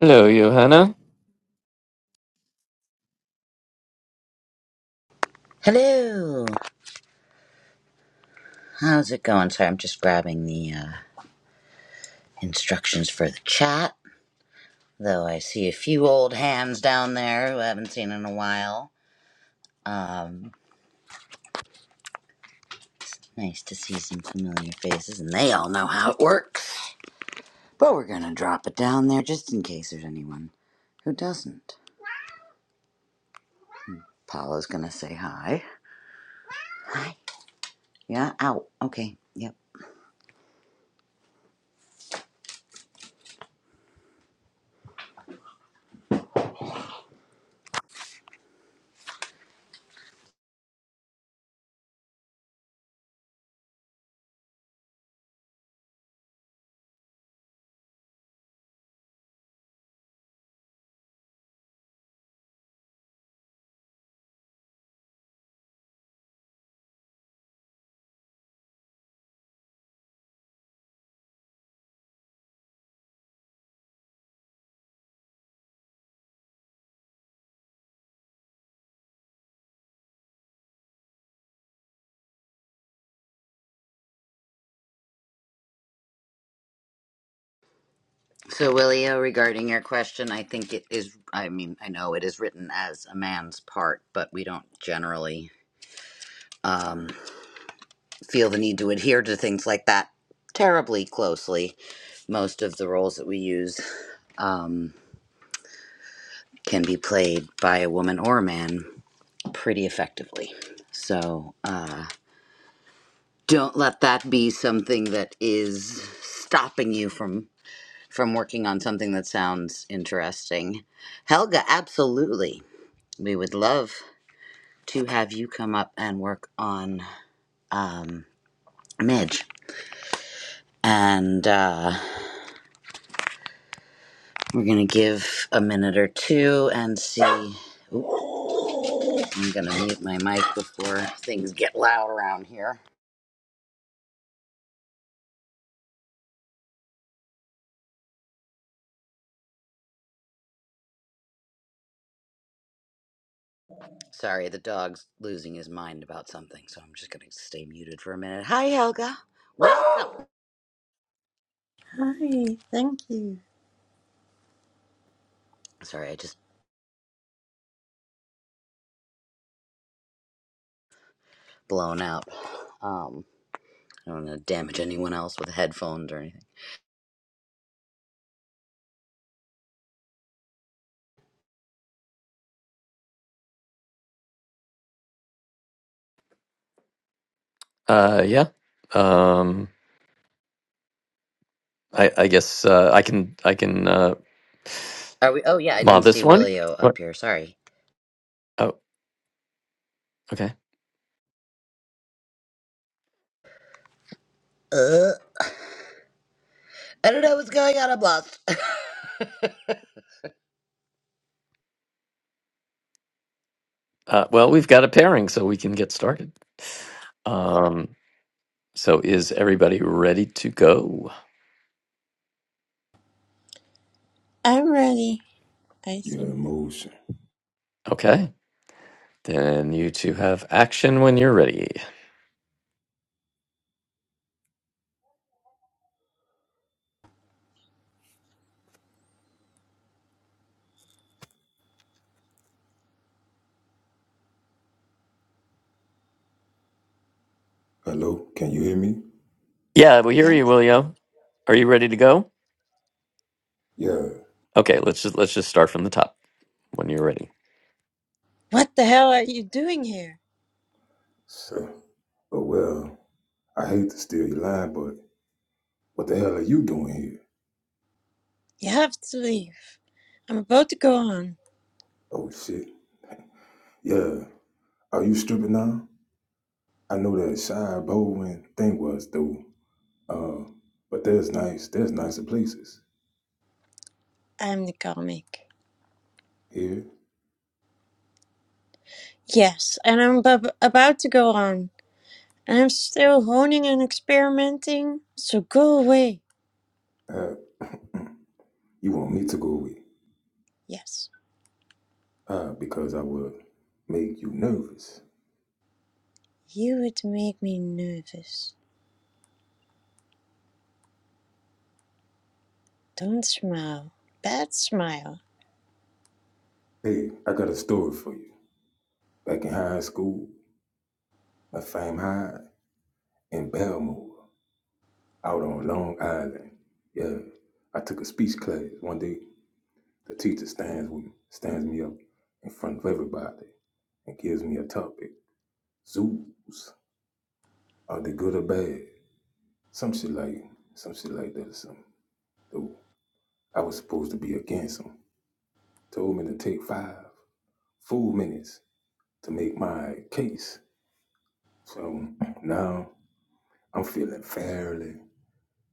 Hello, Johanna. Hello. How's it going? Sorry, I'm just grabbing the uh, instructions for the chat. Though I see a few old hands down there who I haven't seen in a while. Um, nice to see some familiar faces, and they all know how it works. But we're gonna drop it down there just in case there's anyone who doesn't. Paula's gonna say hi. Hi. Yeah. Out. Okay. Yep. So, Willio, regarding your question, I think it is, I mean, I know it is written as a man's part, but we don't generally. um, feel the need to adhere to things like that terribly closely. Most of the roles that we use um, can be played by a woman or a man pretty effectively. So uh, don't let that be something that is stopping you from from working on something that sounds interesting. Helga, absolutely. We would love to have you come up and work on um, Midge. And uh, We're gonna give a minute or two and see. Oop, I'm gonna mute my mic before things get loud around here. Sorry, the dog's losing his mind about something, so I'm just gonna stay muted for a minute. Hi, Helga. Welcome. Hi, thank you. Sorry, I just blown out. Um, I don't want to damage anyone else with headphones or anything. Uh, yeah. Um, I, I guess uh, I can I can uh, Are we? Oh yeah, I mod didn't this see one. Willio What? up here. Sorry. Oh, okay. Uh, I don't know what's going on. I'm lost. Uh, well, we've got a pairing, so we can get started. Um, so is everybody ready to go? I'm ready, I Your think. emotion. Okay, then you two have action when you're ready. Hello, can you hear me? Yeah, we hear you, Yes? Willio. Are you ready to go? Yeah. Okay, let's just let's just start from the top when you're ready. What the hell are you doing here? So, oh well, I hate to steal your line, but what the hell are you doing here? You have to leave. I'm about to go on. Oh shit. Yeah. Are you stripping now? I know that shy Baldwin thing was though. Uh, but there's nice, there's nicer places I'm the comic. here. Yes, and I'm ab- about to go on. And I'm still honing and experimenting. So go away. Uh, you want me to go away? Yes. Uh, because I would make you nervous. You would make me nervous. Don't smile. Bad smile. Hey, I got a story for you. Back in high school, at Fame High in Belmore. out on Long Island. Yeah, I took a speech class one day. The teacher stands with me, stands me up in front of everybody and gives me a topic: zoos. Are they good or bad? Some shit like some shit like that or something. Though I was supposed to be against them. Told me to take five full minutes to make my case. So now I'm feeling fairly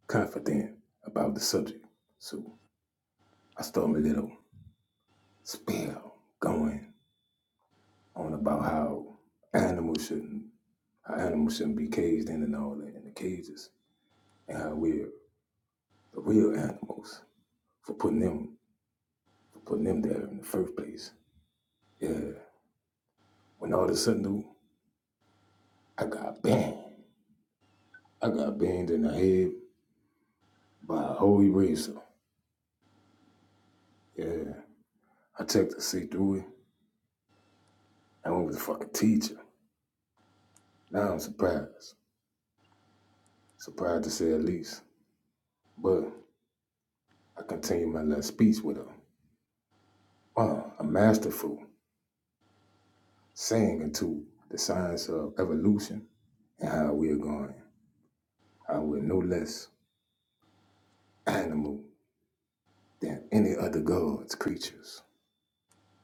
confident about the subject. So I start my little spell going on about how animals shouldn't how animals shouldn't be caged in and all that in the cages and how we're the real animals for putting them for putting them there in the first place. Yeah. When all of a sudden dude, I got banged. I got banged in the head by a whole eraser. Yeah. I checked to see through it. I went with the fucking teacher. Now I'm surprised. Surprised to say at least. But I continued my last speech with her. Wow, a masterful. saying into the science of evolution and how we are going, how we're no less animal than any other gods, creatures,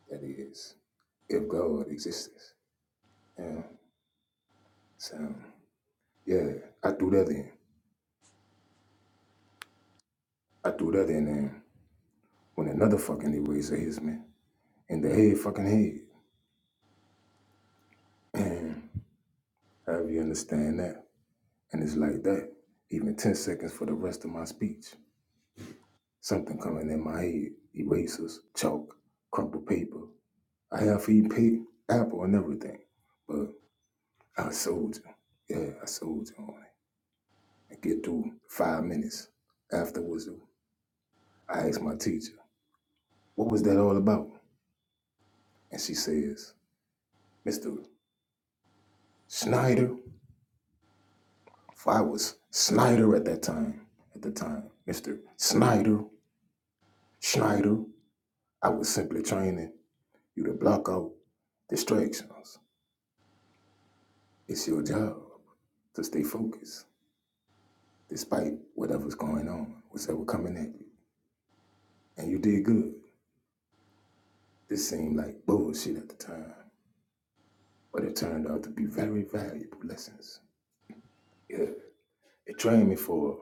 that is, if God exists. Yeah. So, yeah, I threw that in. I threw that in there when another fucking eraser hits me in the head, fucking head. And however you understand that. And it's like that, even 10 seconds for the rest of my speech. Something coming in my head, erasers, chalk, crumpled paper, I have for you pay Apple and everything. But I soldier. Yeah, I soldier. you on it. And get through five minutes afterwards. I asked my teacher, what was that all about? And she says, Mr. Snyder. For I was Snyder at that time. At the time, Mr. Snyder, Schneider. I was simply training you to block out distractions. It's your job to stay focused despite whatever's going on, whatever coming at you. and you did good. This seemed like bullshit at the time, but it turned out to be very valuable lessons. Yeah, it trained me for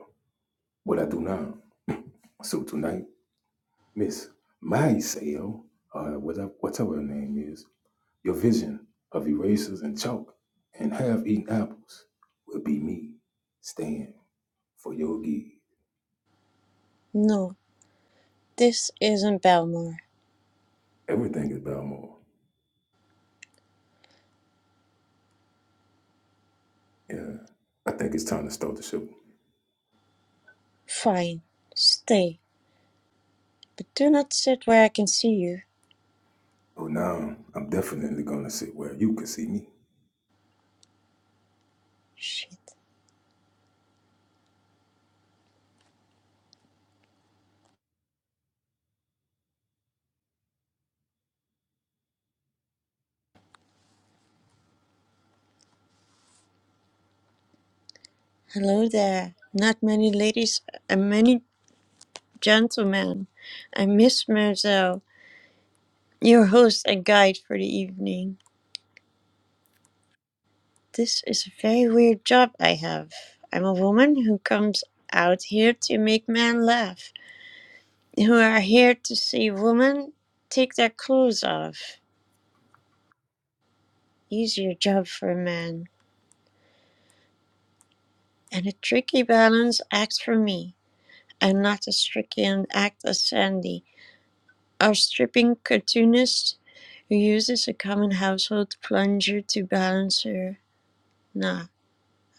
what I do now. So tonight, Miss Maiseo, or whatever, whatever her name is, your vision of erasers and chalk and half-eaten apples will be me staying for your gig. No, this isn't Belmore. Everything is Balmore. Yeah, I think it's time to start the show. Fine. Stay. But do not sit where I can see you. Oh, now I'm definitely gonna sit where you can see me. Shit. Hello there. Not many ladies and many gentlemen. I'm Miss Merzel, your host and guide for the evening. This is a very weird job I have. I'm a woman who comes out here to make men laugh, who are here to see women take their clothes off. Easier job for a man. And a tricky balance act for me. I'm not as tricky an act as Sandy. Our stripping cartoonist who uses a common household plunger to balance her. Nah,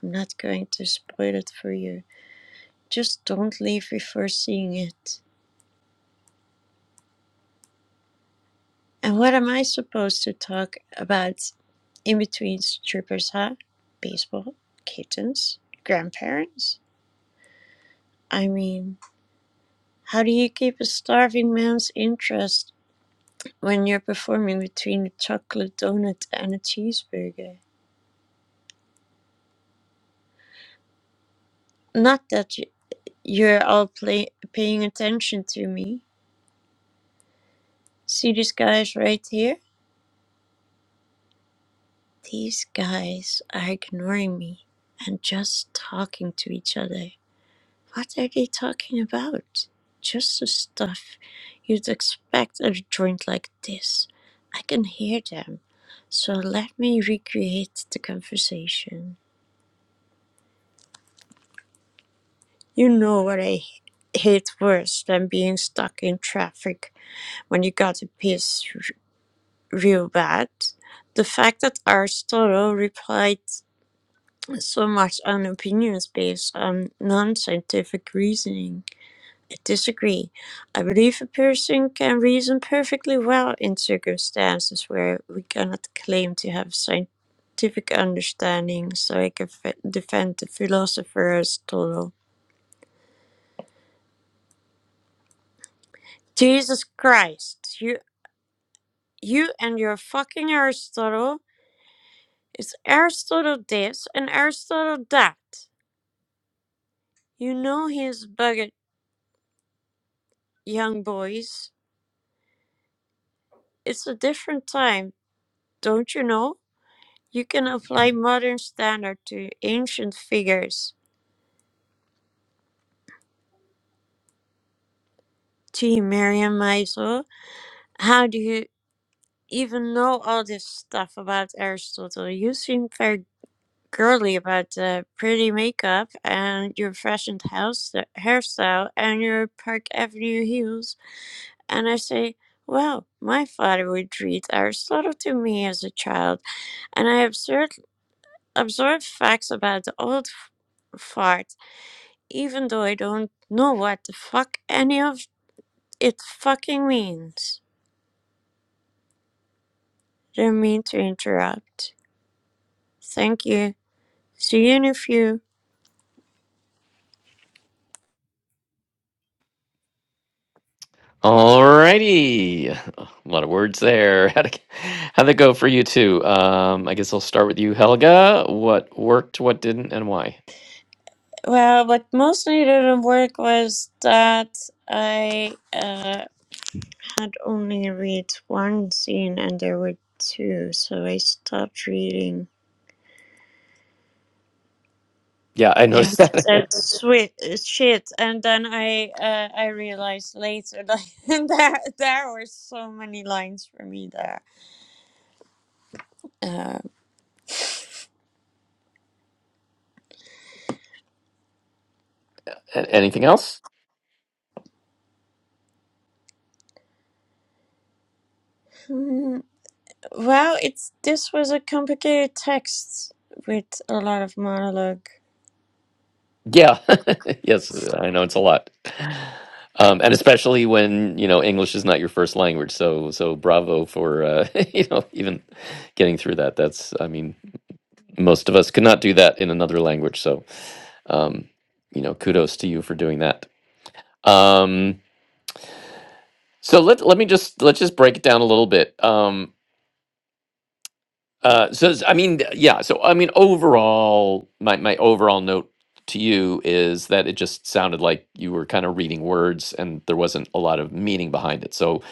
I'm not going to spoil it for you. Just don't leave before seeing it. And what am I supposed to talk about in between strippers, huh? Baseball, kittens, grandparents? I mean, how do you keep a starving man's interest when you're performing between a chocolate donut and a cheeseburger? Not that You're all play- paying attention to me. See these guys right here? These guys are ignoring me and just talking to each other. What are they talking about? Just the stuff you'd expect at a joint like this. I can hear them. So let me recreate the conversation. You know what I hate worse than being stuck in traffic when you gotta piss. Reubat, the fact that Aristotle replied so much on opinions based on non-scientific reasoning. I disagree. I believe a person can reason perfectly well in circumstances where we cannot claim to have scientific understanding, so I can f- defend the philosopher Aristotle. Jesus Christ, you, you and your fucking Aristotle. It's Aristotle this and Aristotle that. You know he's bugged, young boys. It's a different time, don't you know? You can apply modern standard to ancient figures. Gee, Miriam Maisel, how do you even know all this stuff about Aristotle? You seem very girly about the pretty makeup and your fashioned house hairstyle and your Park Avenue heels. And I say, well, my father would read Aristotle to me as a child and I absurdly absorb facts about the old f- fart, even though I don't know what the fuck any of it fucking means. Didn't mean to interrupt. Thank you. See you in a few. Alrighty. A lot of words there. How'd it, how'd that go for you too? Um, I guess I'll start with you, Helga. What worked, what didn't, and why? Well, what mostly didn't work was that I uh, had only read one scene and there were two, so I stopped reading. Yeah, I when noticed she that. said sweet uh, shit and then i uh, i realized later that there there were so many lines for me there uh, A- Anything else? hmm, well it's this was a complicated text with a lot of monologue Yeah. yes, I know it's a lot. Um, and especially when, you know, English is not your first language. So, so bravo for, uh, you know, even getting through that. That's, I mean, most of us could not do that in another language. So, um, you know, kudos to you for doing that. Um, So let let me just let's just break it down a little bit. Um, uh, so s- I mean, th- yeah. So I mean, overall, my my overall note to you is that it just sounded like you were kind of reading words, and there wasn't a lot of meaning behind it. So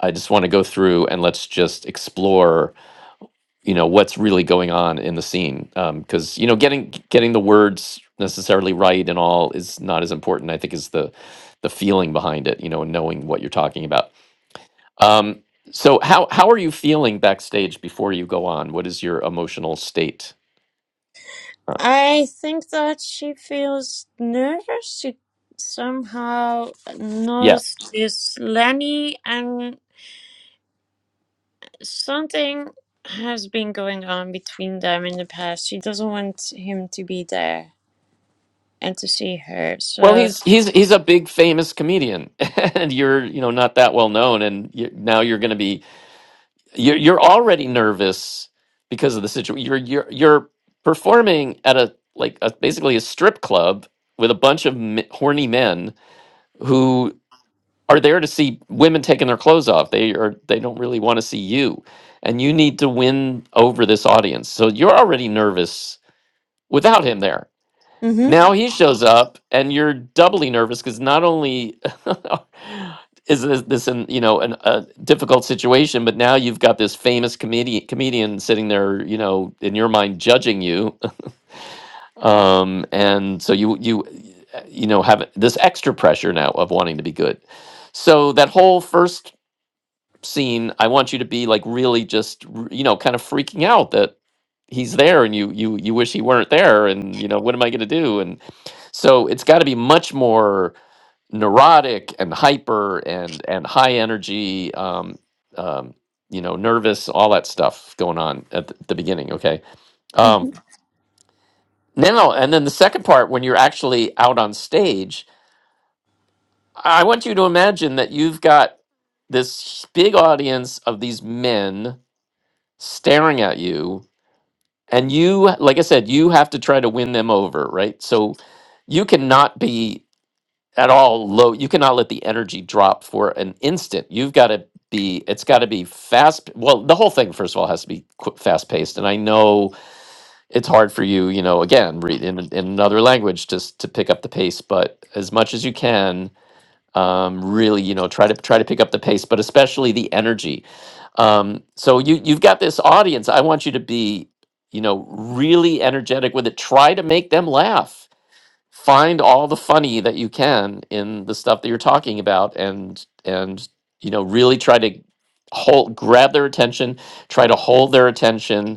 I just want to go through and let's just explore, you know, what's really going on in the scene, because you know, getting getting the words necessarily right and all is not as important, I think, as the the feeling behind it, you know, and knowing what you're talking about. Um, so how how are you feeling backstage before you go on? What is your emotional state? Uh, i think that she feels nervous she somehow yeah. knows this lenny and something has been going on between them in the past she doesn't want him to be there and to see her. Well, So, he's he's he's a big famous comedian, and you're you know not that well known, and you, now you're going to be you're you're already nervous because of the situation. You're you're you're performing at a like a, basically a strip club with a bunch of m- horny men are there to see women taking their clothes off. They are they don't really want to see you. And you need to win over this audience. So you're already nervous without him there. hmm Now he shows up and you're doubly nervous because not only is this, this an, you know an, a difficult situation, but now you've got this famous comedian comedian sitting there, you know, in your mind judging you. Um, and so you you you know have this extra pressure now of wanting to be good. So that whole first scene i want you to be like really just r- you know kind of freaking out that he's there and you you you wish he weren't there and you know what am i going to do and so it's got to be much more neurotic and hyper and and high energy um um you know nervous all that stuff going on at the, the beginning okay um hmm now and then the second part when you're actually out on stage i want you to imagine that you've got this big audience of these men staring at you and you like i said you have to try to win them over right so you cannot be at all low you cannot let the energy drop for an instant you've got to be it's got to be fast well the whole thing first of all has to be fast paced and i know it's hard for you you know again read in, in another language just to pick up the pace but as much as you can um, really you know try to try to pick up the pace but especially the energy um, so you you've got this audience i want you to be you know really energetic with it try to make them laugh find all the funny that you can in the stuff that you're talking about and and you know really try to hold grab their attention try to hold their attention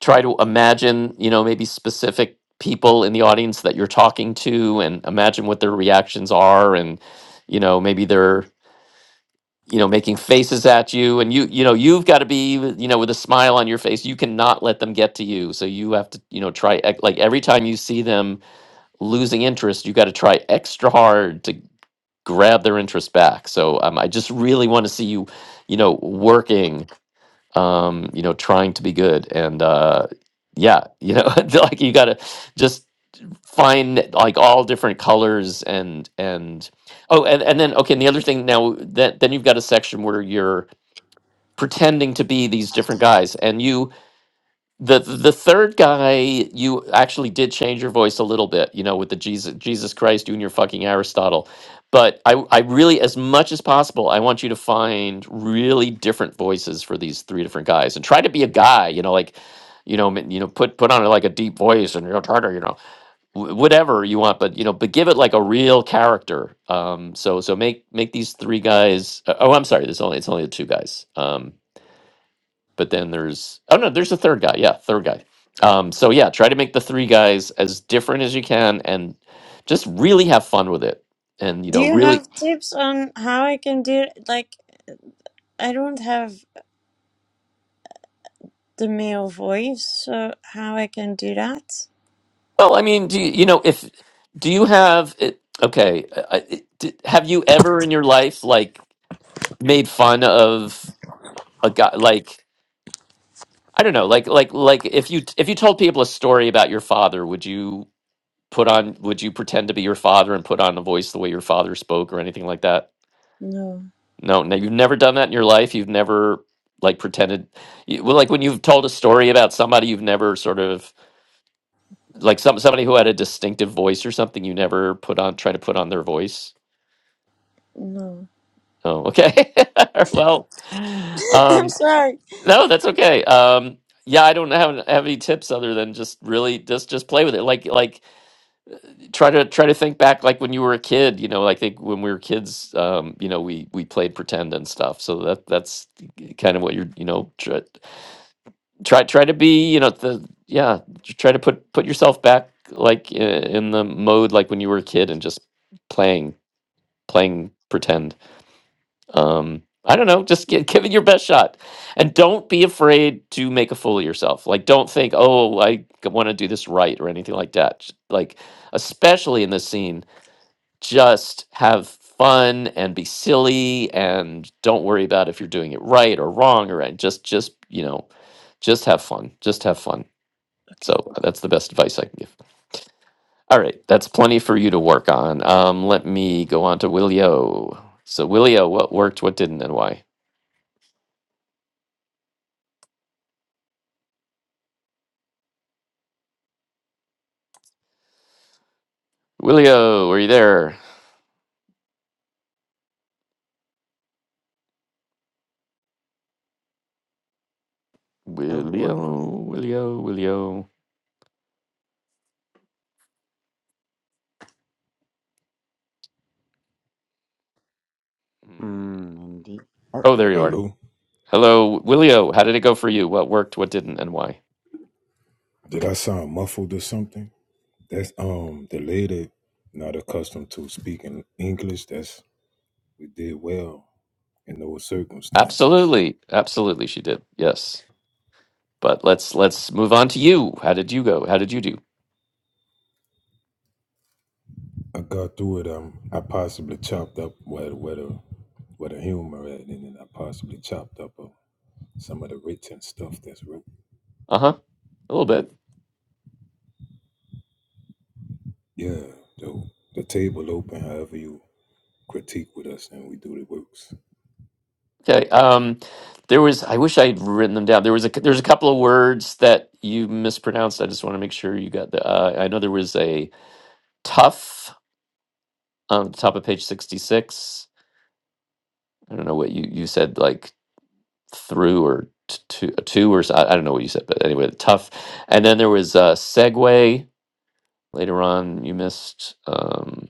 try to imagine, you know, maybe specific people in the audience that you're talking to and imagine what their reactions are and you know, maybe they're, you know, making faces at you and you you know, you've got to be, you know, with a smile on your face. You cannot let them get to you. So you have to, you know, try ex- like every time you see them losing interest, you got to try extra hard to grab their interest back. So um, I just really want to see you, you know, working um, you know, trying to be good. And uh, yeah, you know, like you gotta just find like all different colors and and oh, and and then okay, and the other thing now that then you've got a section where you're pretending to be these different guys, and you the the third guy, you actually did change your voice a little bit, you know, with the Jesus Jesus Christ doing your fucking Aristotle. But I I really, as much as possible, I want you to find really different voices for these three different guys and try to be a guy, you know, like, you know, m- you know, put put on like a deep voice and you know, tartar, you know, wh- whatever you want, but you know, but give it like a real character. Um, so so make make these three guys. Uh, oh, I'm sorry, there's only it's only the two guys. Um, but then there's oh no there's a third guy yeah third guy um so yeah try to make the three guys as different as you can and just really have fun with it and you do know you really have tips on how I can do like I don't have the male voice, so how I can do that? well i mean do you, you know if do you have it okay I, I- d- have you ever in your life like made fun of a guy like i don't know like like like if you if you told people a story about your father would you put on would you pretend to be your father and put on a voice the way your father spoke or anything like that No, No, no, you've never done that in your life. You've never like pretended. You, well, like when you've told a story about somebody, you've never sort of like some somebody who had a distinctive voice or something. You never put on try to put on their voice. no. Oh, okay. well, I'm um, sorry. no, that's okay. Um, yeah, I don't have, have any tips other than just really just just play with it. Like like try to try to think back like when you were a kid. You know, I think when we were kids, um, you know, we we played pretend and stuff. So that that's kind of what you're you know tr- try try to be you know the yeah j- try to put put yourself back like i- in the mode like when you were a kid and just playing playing pretend um i don't know just gi- give it your best shot and don't be afraid to make a fool of yourself like don't think oh i want to do this right or anything like that Just, like especially in this scene just have fun and be silly and don't worry about if you're doing it right or wrong or right. just just you know just have fun just have fun Okay. so that's the best advice I can give. All right, that's plenty for you to work on. Um, let me go on to Willio. So Willio, what worked, what didn't, and why? Willio, are you there? oh lordy. Willio, Willio, Willio. Hmm. Mm, indeed. Oh, Oh, there you are. Hello. Hello, Willio. How did it go for you? What worked, what didn't, and why? Did I sound muffled or something? That's um the lady not accustomed to speaking English. That's we did well in those circumstances. Absolutely, absolutely, she did. Yes, but let's let's move on to you. How did you go? How did you do? I got through it. Um, I possibly chopped up where where the where the humor at, and then I possibly chopped up uh, some of the written stuff that's wrote. Uh huh. A little bit. Yeah, the the table open. However you critique with us, and we do the works. Okay. Um, there was. I wish I had written them down. There was a. There's a couple of words that you mispronounced. I just want to make sure you got the. Uh, I know there was a tough on the top of page sixty six. I don't know what you you said like through or t- to two or so- I, I don't know what you said, but anyway, tough. And then there was a segue later on. You missed. Um,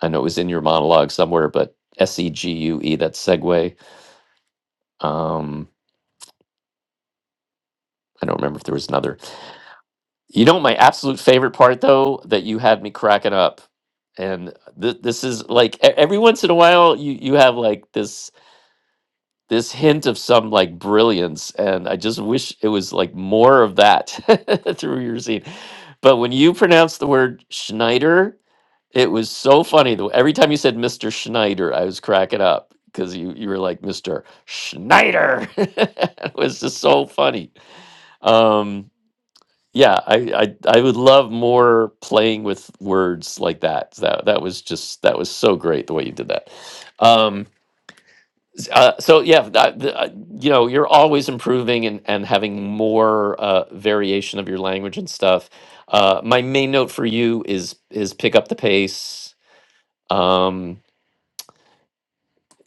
I know it was in your monologue somewhere, but S E G U E. That's segue. Um, I don't remember if there was another. You know, my absolute favorite part though, that you had me cracking up. And th- this is like e- every once in a while you you have like this this hint of some like brilliance and I just wish it was like more of that through your scene. But when you pronounced the word Schneider, it was so funny. The every time you said Mr. Schneider, I was cracking up because you you were like Mr. Schneider. it was just so funny. Um yeah, I, I I would love more playing with words like that. That that was just that was so great the way you did that. Um, s- uh, so yeah, that, the, uh, you know, you're always improving and and having more uh, variation of your language and stuff. Uh, my main note for you is is pick up the pace. Um,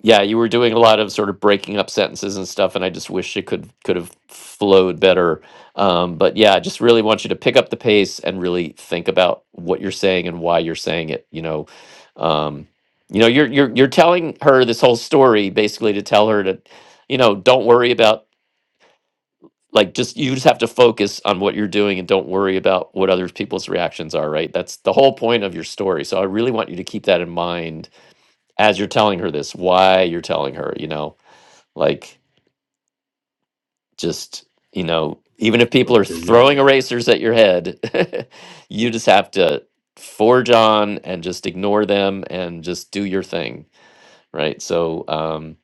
yeah, you were doing a lot of sort of breaking up sentences and stuff, and I just wish it could could have flowed better. Um, but yeah, I just really want you to pick up the pace and really think about what you're saying and why you're saying it. You know, um, you know, you're you're you're telling her this whole story basically to tell her to, you know, don't worry about like just you just have to focus on what you're doing and don't worry about what other people's reactions are. Right? That's the whole point of your story. So I really want you to keep that in mind as you're telling her this. Why you're telling her, you know like just you know even if people are Okay, throwing yeah. erasers at your head you just have to forge on and just ignore them and just do your thing right so um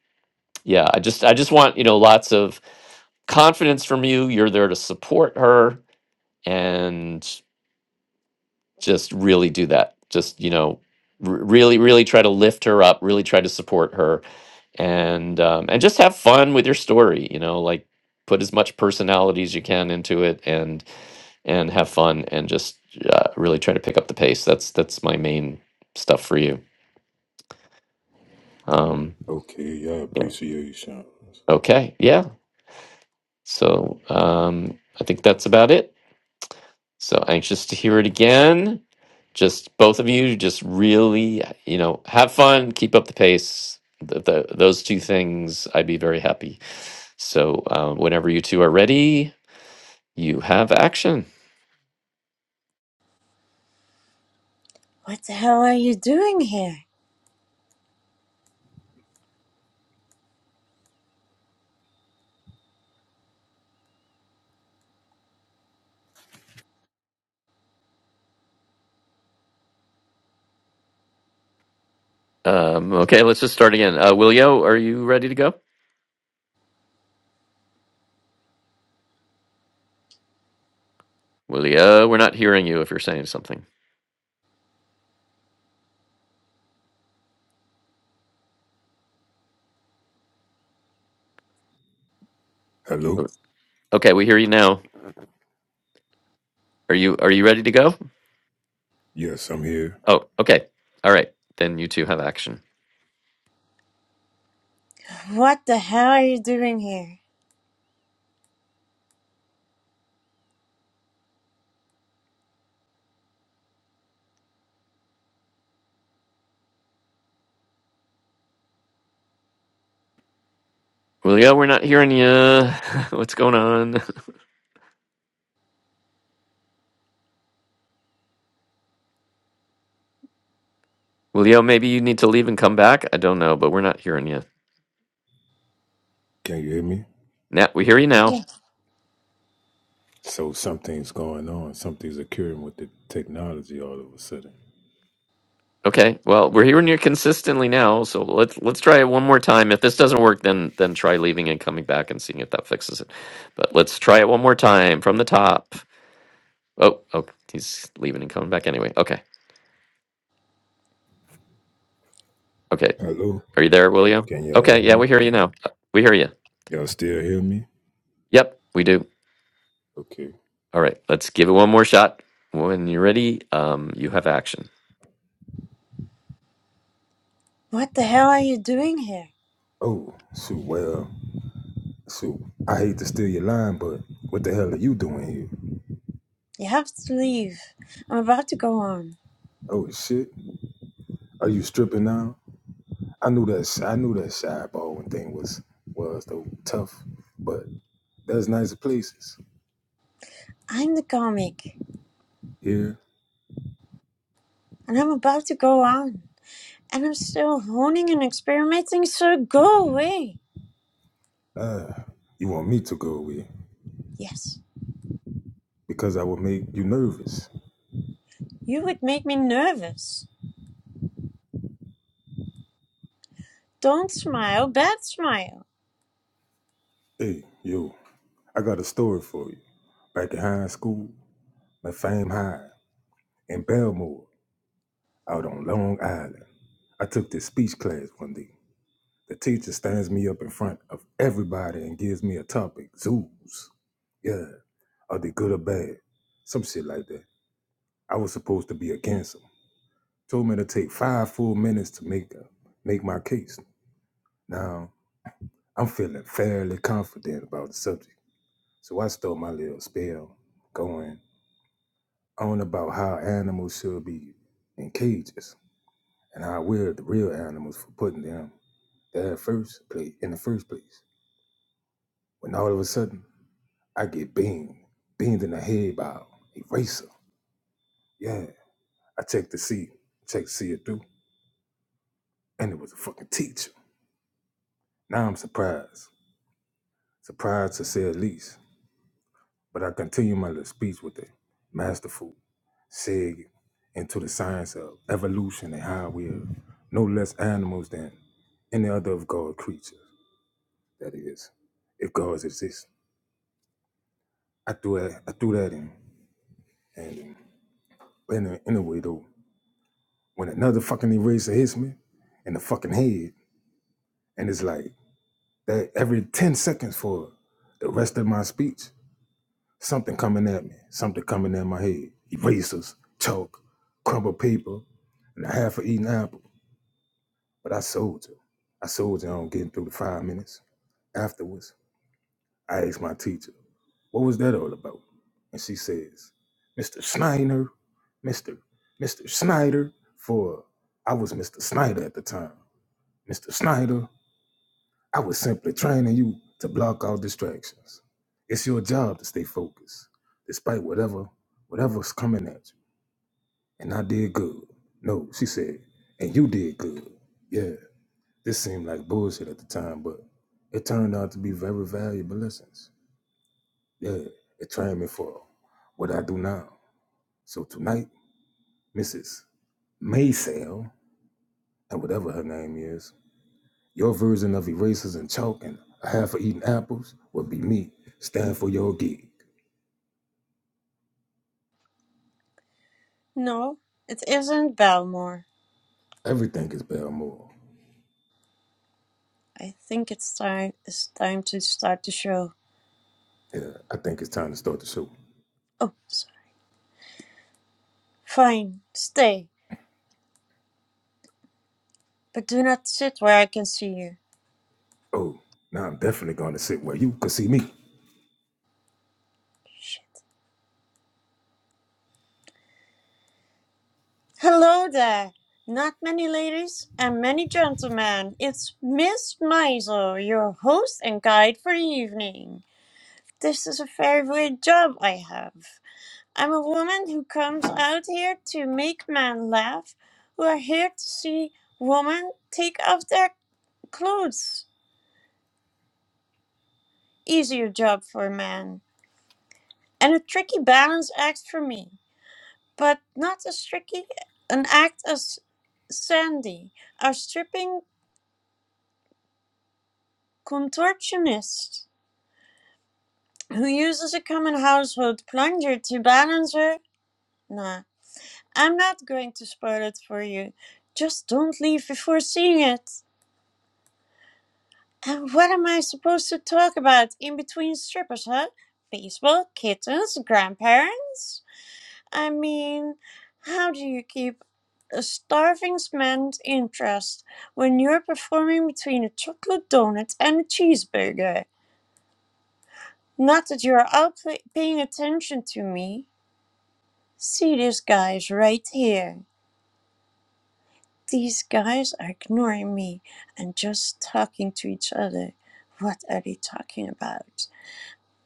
yeah i just i just want you know lots of confidence from you you're there to support her and just really do that just you know r- really really try to lift her up really try to support her and um, and just have fun with your story you know like put as much personality as you can into it and and have fun and just uh, really try to pick up the pace that's that's my main stuff for you um Okay, yeah. yeah Appreciations. okay yeah so um i think that's about it so anxious to hear it again just both of you just really you know have fun keep up the pace the, the, those two things i'd be very happy so uh, whenever you two are ready You have action. What the hell are you doing here? Um, okay, let's just start again. Uh, Willio, are you ready to go? Willio, we're not hearing you if you're saying something. Hello. Okay, we hear you now. Are you are you ready to go? Yes, I'm here. Oh, okay. All right. Then you two have action. What the hell are you doing here? Willio, we're not hearing you. What's going on? Willio, maybe you need to leave and come back. I don't know, but we're not hearing you. Can you hear me? Now we hear you now. Yeah. So something's going on. Something's occurring with the technology all of a sudden. Okay. Well, we're hearing you consistently now, so let's let's try it one more time. If this doesn't work, then then try leaving and coming back and seeing if that fixes it. But let's try it one more time from the top. Oh, oh, he's leaving and coming back anyway. Okay. Okay. Hello? Are you there, William? Can y'all Okay, hear yeah, me? we hear you now. Uh, We hear you. Y'all still hear me? Yep, we do. Okay. All right, let's give it one more shot. When you're ready, um, you have action. What the hell are you doing here? Oh, shoot, well, shoot. I hate to steal your line, but what the hell are you doing here? You have to leave. I'm about to go on. Oh shit. Are you stripping now? I knew that I knew that shy Baldwin thing was was though tough, but there's nicer places. I'm the comic, Here, and I'm about to go on. And I'm still honing and experimenting, so go away. uh, you want me to go away Yes. because I will make you nervous. You would make me nervous. Don't smile, bad smile. Hey, yo, I got a story for you. back in high school, La Fame High, in Belmore, out on Long Island. I took this speech class one day. The teacher stands me up in front of everybody and gives me a topic, zoos. Yeah, are they good or bad? Some shit like that. I was supposed to be against them. Told me to take five full minutes to make a, make my case. Now, I'm feeling fairly confident about the subject. So I stole my little spell going on about how animals should be in cages. and how we're the real animals for putting them there first place in the first place. When all of a sudden I get beamed, beamed in the head by a eraser. Yeah, I checked to see, checked to see it through, and it was a fucking teacher. Now I'm surprised, surprised to say the least. But I continue my little speech with a masterful seg into the science of evolution and how we're no less animals than any other of God's creatures. That is, if God exists. I threw that, I threw that in. And, and anyway, though, when another fucking eraser hits me in the fucking head, and it's like that every 10 seconds for the rest of my speech, something coming at me, something coming at my head. Erasers, chalk, crumpled paper, and a half a eaten apple. But I soldier. I soldier on getting through the five minutes. Afterwards, I asked my teacher, What was that all about? And she says, Mr. Snyder, Mr. Mr. Snyder, for I was Mr. Snyder at the time. Mr. Snyder, I was simply training you to block all distractions. It's your job to stay focused, despite whatever, whatever's coming at you. And I did good. No, she said, and you did good. Yeah, this seemed like bullshit at the time, but it turned out to be very valuable lessons. Yeah, it trained me for what I do now. So tonight, Mrs. Maysale, and whatever her name is, your version of erasers and chalk and a half of eating apples would be me. Stand for your gig. No, it isn't Belmore. Everything is Belmore. I think it's time it's time to start the show. Yeah, I think it's time to start the show. Oh, sorry. Fine, stay, but do not sit where I can see you. Oh, now I'm definitely going to sit where you can see me. Hello there. Not many ladies and many gentlemen. It's Miss Meisel, your host and guide for the evening. This is a very weird job I have. I'm a woman who comes out here to make men laugh, who are here to see women take off their clothes. Easier job for a man. And a tricky balance act for me. But not as tricky an act as Sandy, our stripping contortionist, who uses a common household plunger to balance her. Nah, I'm not going to spoil it for you. Just don't leave before seeing it. And what am I supposed to talk about in between strippers, huh? Baseball, kittens, grandparents? I mean, how do you keep a starving man's interest when you're performing between a chocolate donut and a cheeseburger? Not that you're all pay- paying attention to me. See these guys right here. These guys are ignoring me and just talking to each other. What are they talking about?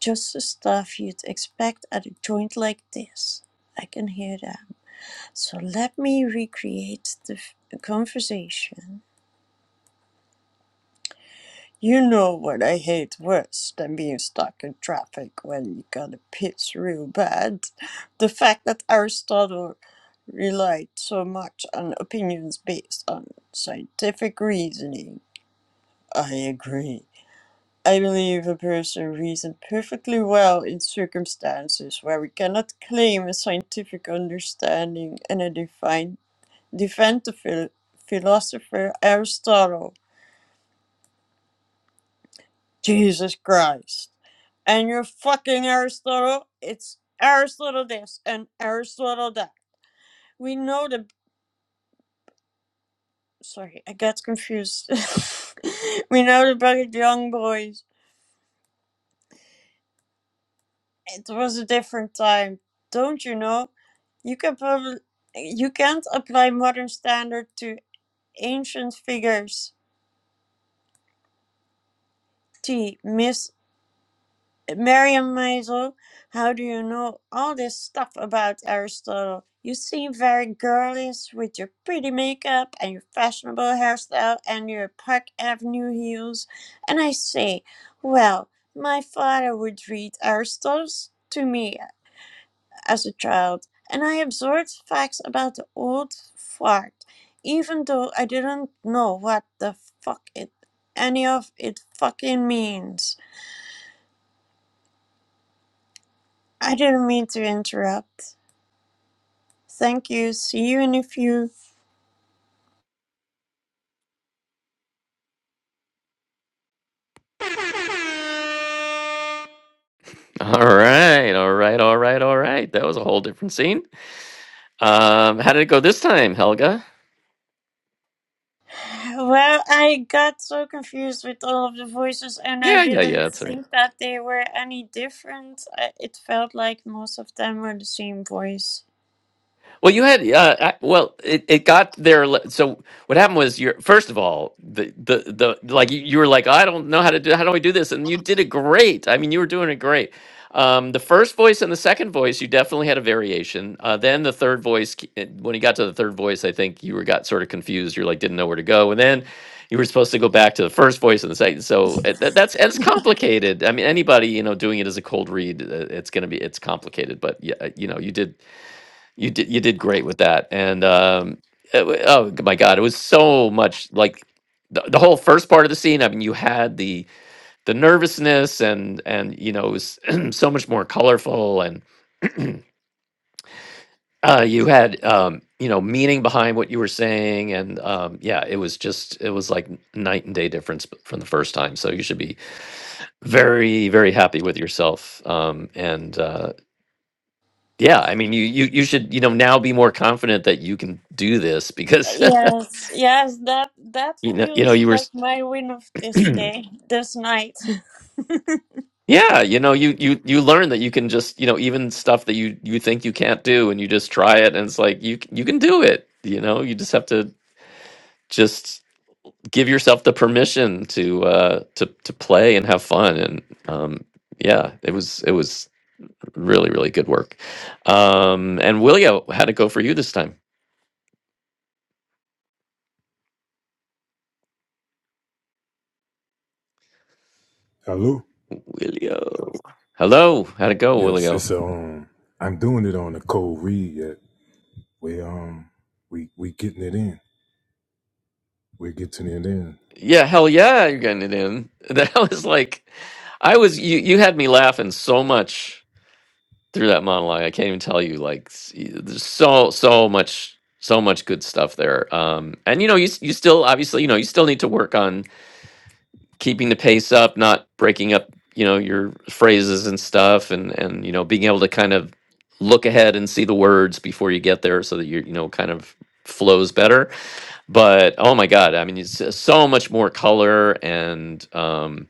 Just the stuff you'd expect at a joint like this. I can hear that. So let me recreate the f- conversation. You know what I hate worse than being stuck in traffic when you gotta piss real bad? The fact that Aristotle relied so much on opinions based on scientific reasoning. I agree. I believe a person reasoned perfectly well in circumstances where we cannot claim a scientific understanding and a define, defend the phil- philosopher Aristotle. Jesus Christ. And you're fucking Aristotle. It's Aristotle this and Aristotle that. We know the. Sorry, I got confused. we know the bucket young boys It was a different time, don't you know? You can probably you can't apply modern standard to ancient figures. T. Miss Miriam Maisel, how do you know all this stuff about Aristotle? You seem very girlish with your pretty makeup and your fashionable hairstyle and your Park Avenue heels. And I say, well, my father would read Aristotle to me as a child, and I absorbed facts about the old fart, even though I didn't know what the fuck it any of it fucking means. I didn't mean to interrupt. Thank you. See you in a few. All right, all right, all right, all right. That was a whole different scene. Um, how did it go this time, Helga? Well, I got so confused with all of the voices, and I Yeah, yeah, didn't yeah. It's all right. think that they were any different. I- It felt like most of them were the same voice. Well, you had uh, I- well, it, it got there. le- So what happened was, you first of all, the the the like you, you were like, I don't know how to do how do I do this, and you did it great. I mean, you were doing it great. Um, the first voice and the second voice, you definitely had a variation. Uh, then the third voice, c- it- when you got to the third voice, I think you were got sort of confused. You're like, didn't know where to go, and then you were supposed to go back to the first voice and the second. So it, that, that's it's complicated. I mean, anybody you know doing it as a cold read, uh, it's gonna be it's complicated. But yeah, eh, you know, you did you did you did great with that, and um, it wa- oh g- my god, it was so much like the, the whole first part of the scene. I mean, you had the the nervousness, and and you know it was so much more colorful, and uh, you had um, you know meaning behind what you were saying, and um, yeah, it was just it was like n- night and day difference b- from the first time. So you should be very very happy with yourself, um, and uh, yeah, I mean, you you you should you know now be more confident that you can do this because Yes, yes, that that you know you know feels you were like s- my win of this day, this night. yeah you know you you you learn that you can just you know even stuff that you you think you can't do and you just try it and it's like you c- you can do it you know you just have to just give yourself the permission to uh to to play and have fun and um yeah it was it was really really good work um and willio how'd it go for you this time Hello? willio hello how'd it go Yes, willio it's um, I'm doing it on a cold read yet. We um, we we getting it in. We're getting it in. yeah, hell yeah, you're getting it in. That was like, I was you. You had me laughing so much through that monologue. I can't even tell you. Like, s- y- there's so so much so much good stuff there. Um, and you know, you s- you still obviously you know you still need to work on keeping the pace up, not breaking up. You know your phrases and stuff, and and you know being able to kind of look ahead and see the words before you get there, so that you you know kind of flows better but oh my god i mean it's just so much more color and um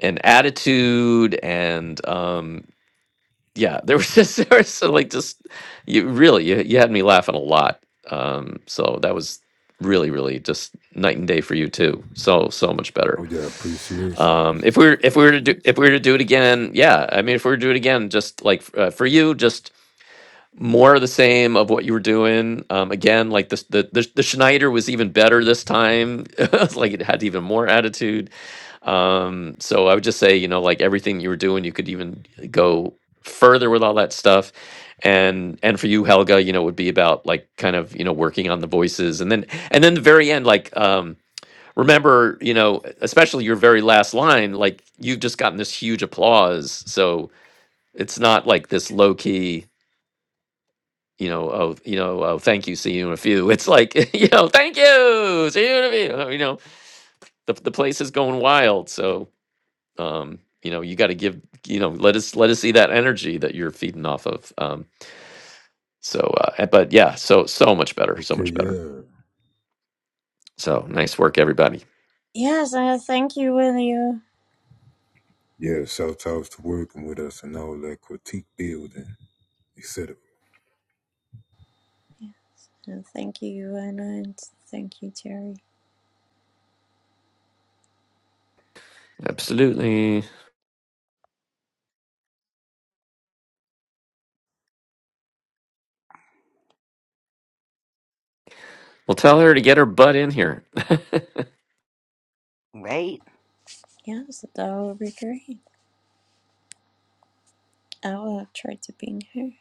and attitude and um yeah there was just there was so, like just you really you, you had me laughing a lot um so that was really really just night and day for you too so so much Oh better yeah, appreciations. um if we were if we were to do if we were to do it again yeah i mean if we were to do it again just like f- uh, for you just more of the same of what you were doing. Um, again, like this, the, the the Schneider was even better this time. It's like it had even more attitude. Um, so I would just say, you know, like everything you were doing, you could even go further with all that stuff. And and for you, Helga, you know, it would be about like kind of you know working on the voices, and then and then the very end, like. Um, Remember, you know, especially your very last line, like you've just gotten this huge applause. So it's not like this low key, you know, oh, you know, oh, thank you, see you in a few. It's like, you know, thank you, see you in a few. uh, You know, the the place is going wild. So, um, you know, you got to give, you know, let us let us see that energy that you're feeding off of. Um, so, uh, eh, but yeah, so so much better, so Okay, much better. yeah. So nice work, everybody. Yes, uh, thank you, William. Yeah, shout outs to working with us and all that critique building, etc. And thank you, Joanna, and thank you, Jerry. Absolutely. Well, tell her to get her butt in here. Right. Yes, that will be great. I will try to be here.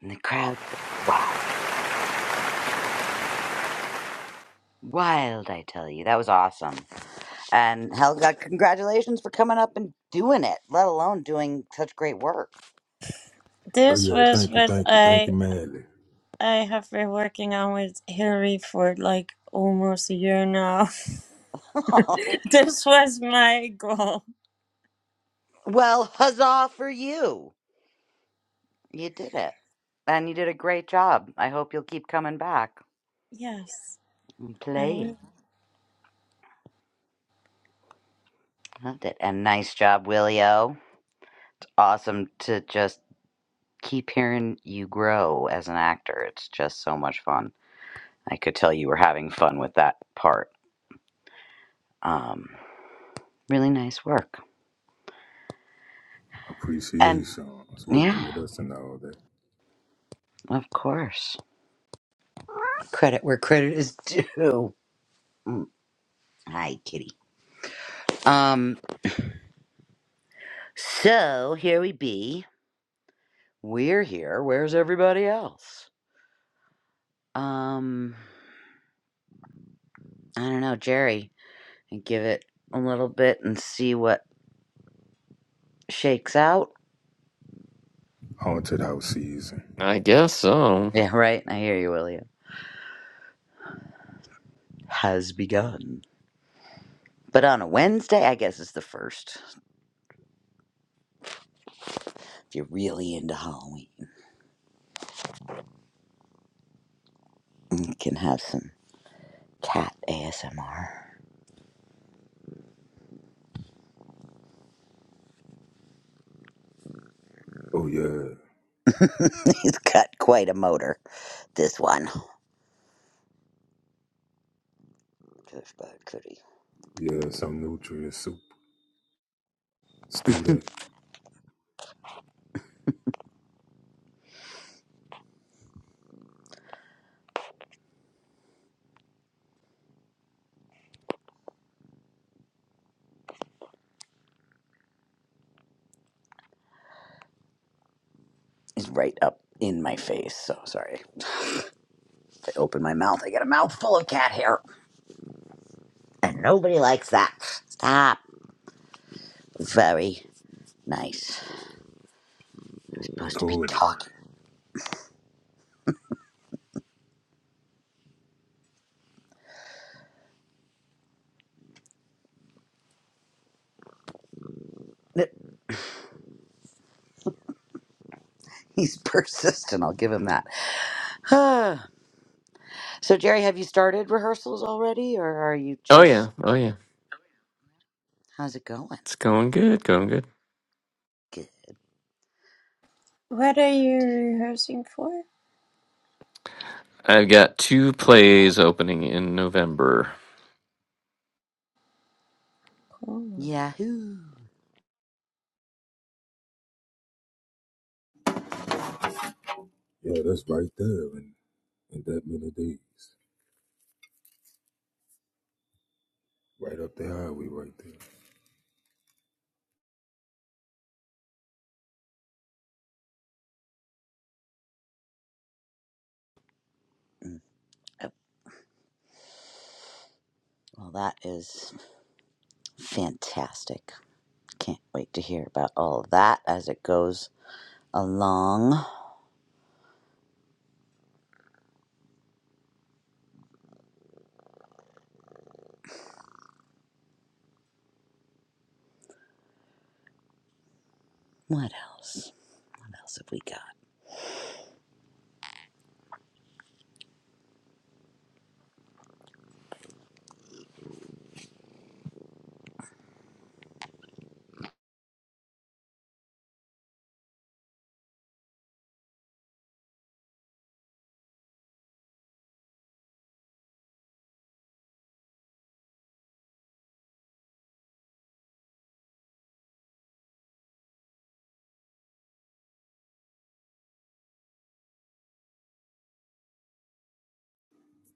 And the crowd wow, wild. I tell you. That was awesome. And Helga, congratulations for coming up and doing it, let alone doing such great work. So This yeah, was thank you, what thank you, thank I you madly. I have been working on with Hillary for like almost a year now. this was my goal. well, huzzah for you. You did it. And you did a great job. I hope you'll keep coming back Yes. and I playing. re- Loved it. And nice job, Willio. Awesome to just keep hearing you grow as an actor. It's just so much fun. I could tell you were having fun with that part. Um, really nice work. and. Appreciations working Yeah, with us and all that. of course. Credit where credit is due. Hi, kitty. Um, so here we be. We're here. Where's everybody else? Um, I don't know, Jerry. And give it a little bit and see what shakes out. Haunted house season. I guess so. Yeah, right. I hear you, William. Has begun. But on a Wednesday, I guess it's the first. If you're really into Halloween, you can have some cat ASMR. Oh yeah, He's got quite a motor, this one. Cush bud cootie yeah, some nutrient soup. Stew that, is right up in my face. So sorry. If I open my mouth, I get a mouthful of cat hair. And nobody likes that. Stop. Very nice. You're supposed to be record it. talking. He's persistent. I'll give him that. Ah. so, Jerry, have you started rehearsals already, or are you Oh, just. yeah. Oh, yeah. How's it going? It's going good. Going good. Good what are you to hear it. rehearsing for? I've got two plays opening in November. Cool. Yahoo! Yeah, that's right there in, in that many days. Right up the highway right there. Oh, well, that is fantastic. Can't wait to hear about all of that as it goes along. What else? What else have we got?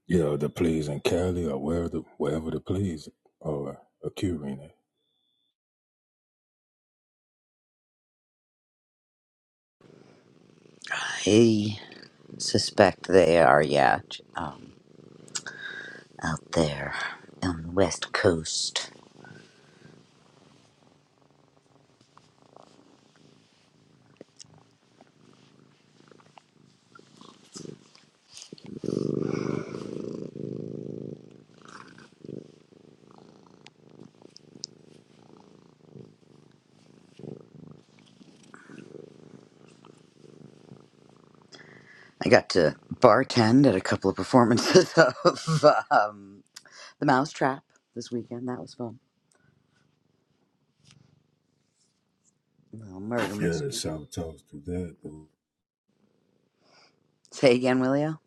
Yeah, the plays in Cali or wherever the wherever the plays are occurring at. I suspect they are, yeah, j- um, out there on the West Coast. I got to bartend at a couple of performances of um, The Mousetrap this weekend. That was fun. A little murder Yeah, mystery. shout outs to that though. Say again, Willio?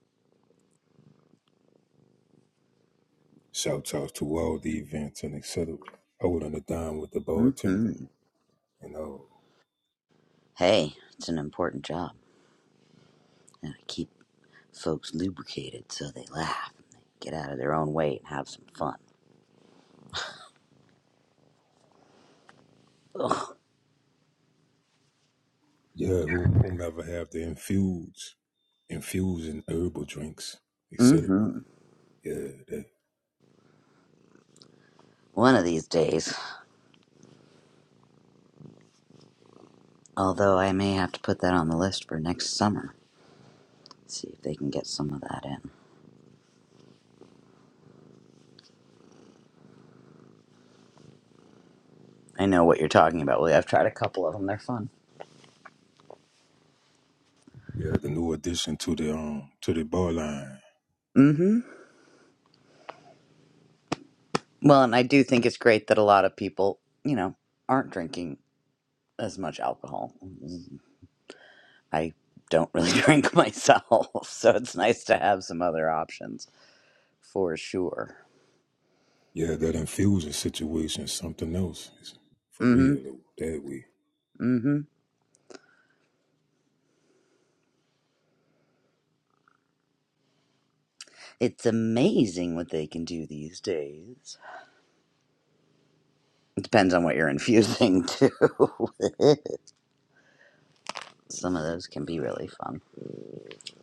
Shouts out to all the events and etc. Holding a dime with the Mm-hmm. bartender you know, Hey, it's an important job. Gotta keep folks lubricated so they laugh and they get out of their own way and have some fun. Ugh. Yeah, who- whomever have the infuse, infusing herbal drinks, etc. Mm-hmm. Yeah, that, One of these days. Although I may have to put that on the list for next summer. See if they can get some of that in. I know what you're talking about, Willie. I've tried a couple of them. They're fun. yeah, the new addition to the um to the bar line. Mm-hmm. Well, and I do think it's great that a lot of people, you know, aren't drinking as much alcohol. I don't really drink myself, so it's nice to have some other options for sure. Yeah, that infusing situation is something else. It's for Mm-hmm. real that way. Mm-hmm. It's amazing what they can do these days. It depends on what you're infusing too. some of those can be really fun.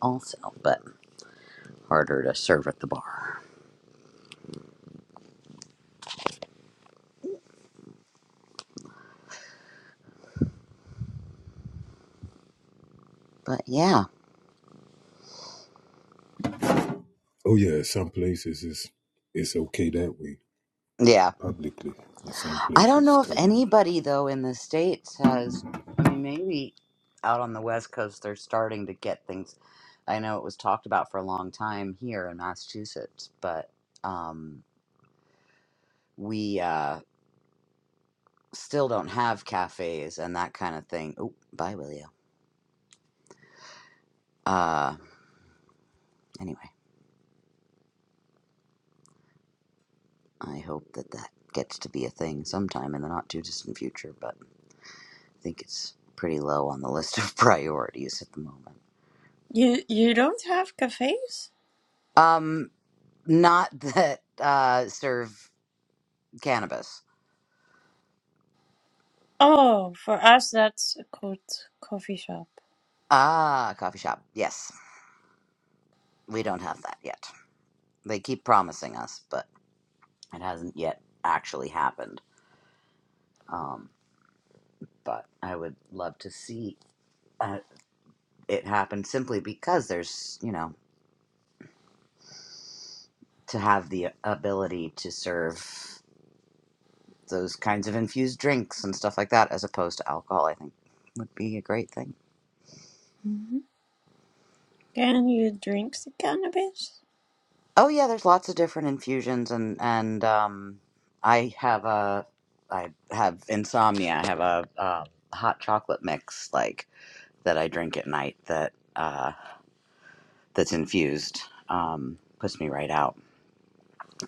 also, but harder to serve at the bar. But yeah, Oh yeah, some places it's it's okay that way yeah. publicly. In some I don't places know if currently. anybody though in the states has. I mean, maybe out on the west coast they're starting to get things. I know it was talked about for a long time here in Massachusetts, but um, we uh, still don't have cafes and that kind of thing. Oh, bye, Willio. Uh, anyway, I hope that that gets to be a thing sometime in the not too distant future. But I think it's pretty low on the list of priorities at the moment. You you don't have cafes? Um, not that uh, serve cannabis. Oh, for us that's called coffee shop. Ah, coffee shop. Yes, we don't have that yet. They keep promising us, but it hasn't yet actually happened. Um, but I would love to see uh, it happen simply because there's, you know, to have the ability to serve those kinds of infused drinks and stuff like that as opposed to alcohol, I think would be a great thing. hmm Can you drink the cannabis? Oh yeah, there's lots of different infusions and and um I have a I have insomnia. I have a um, hot chocolate mix like that I drink at night that uh that's infused um puts me right out.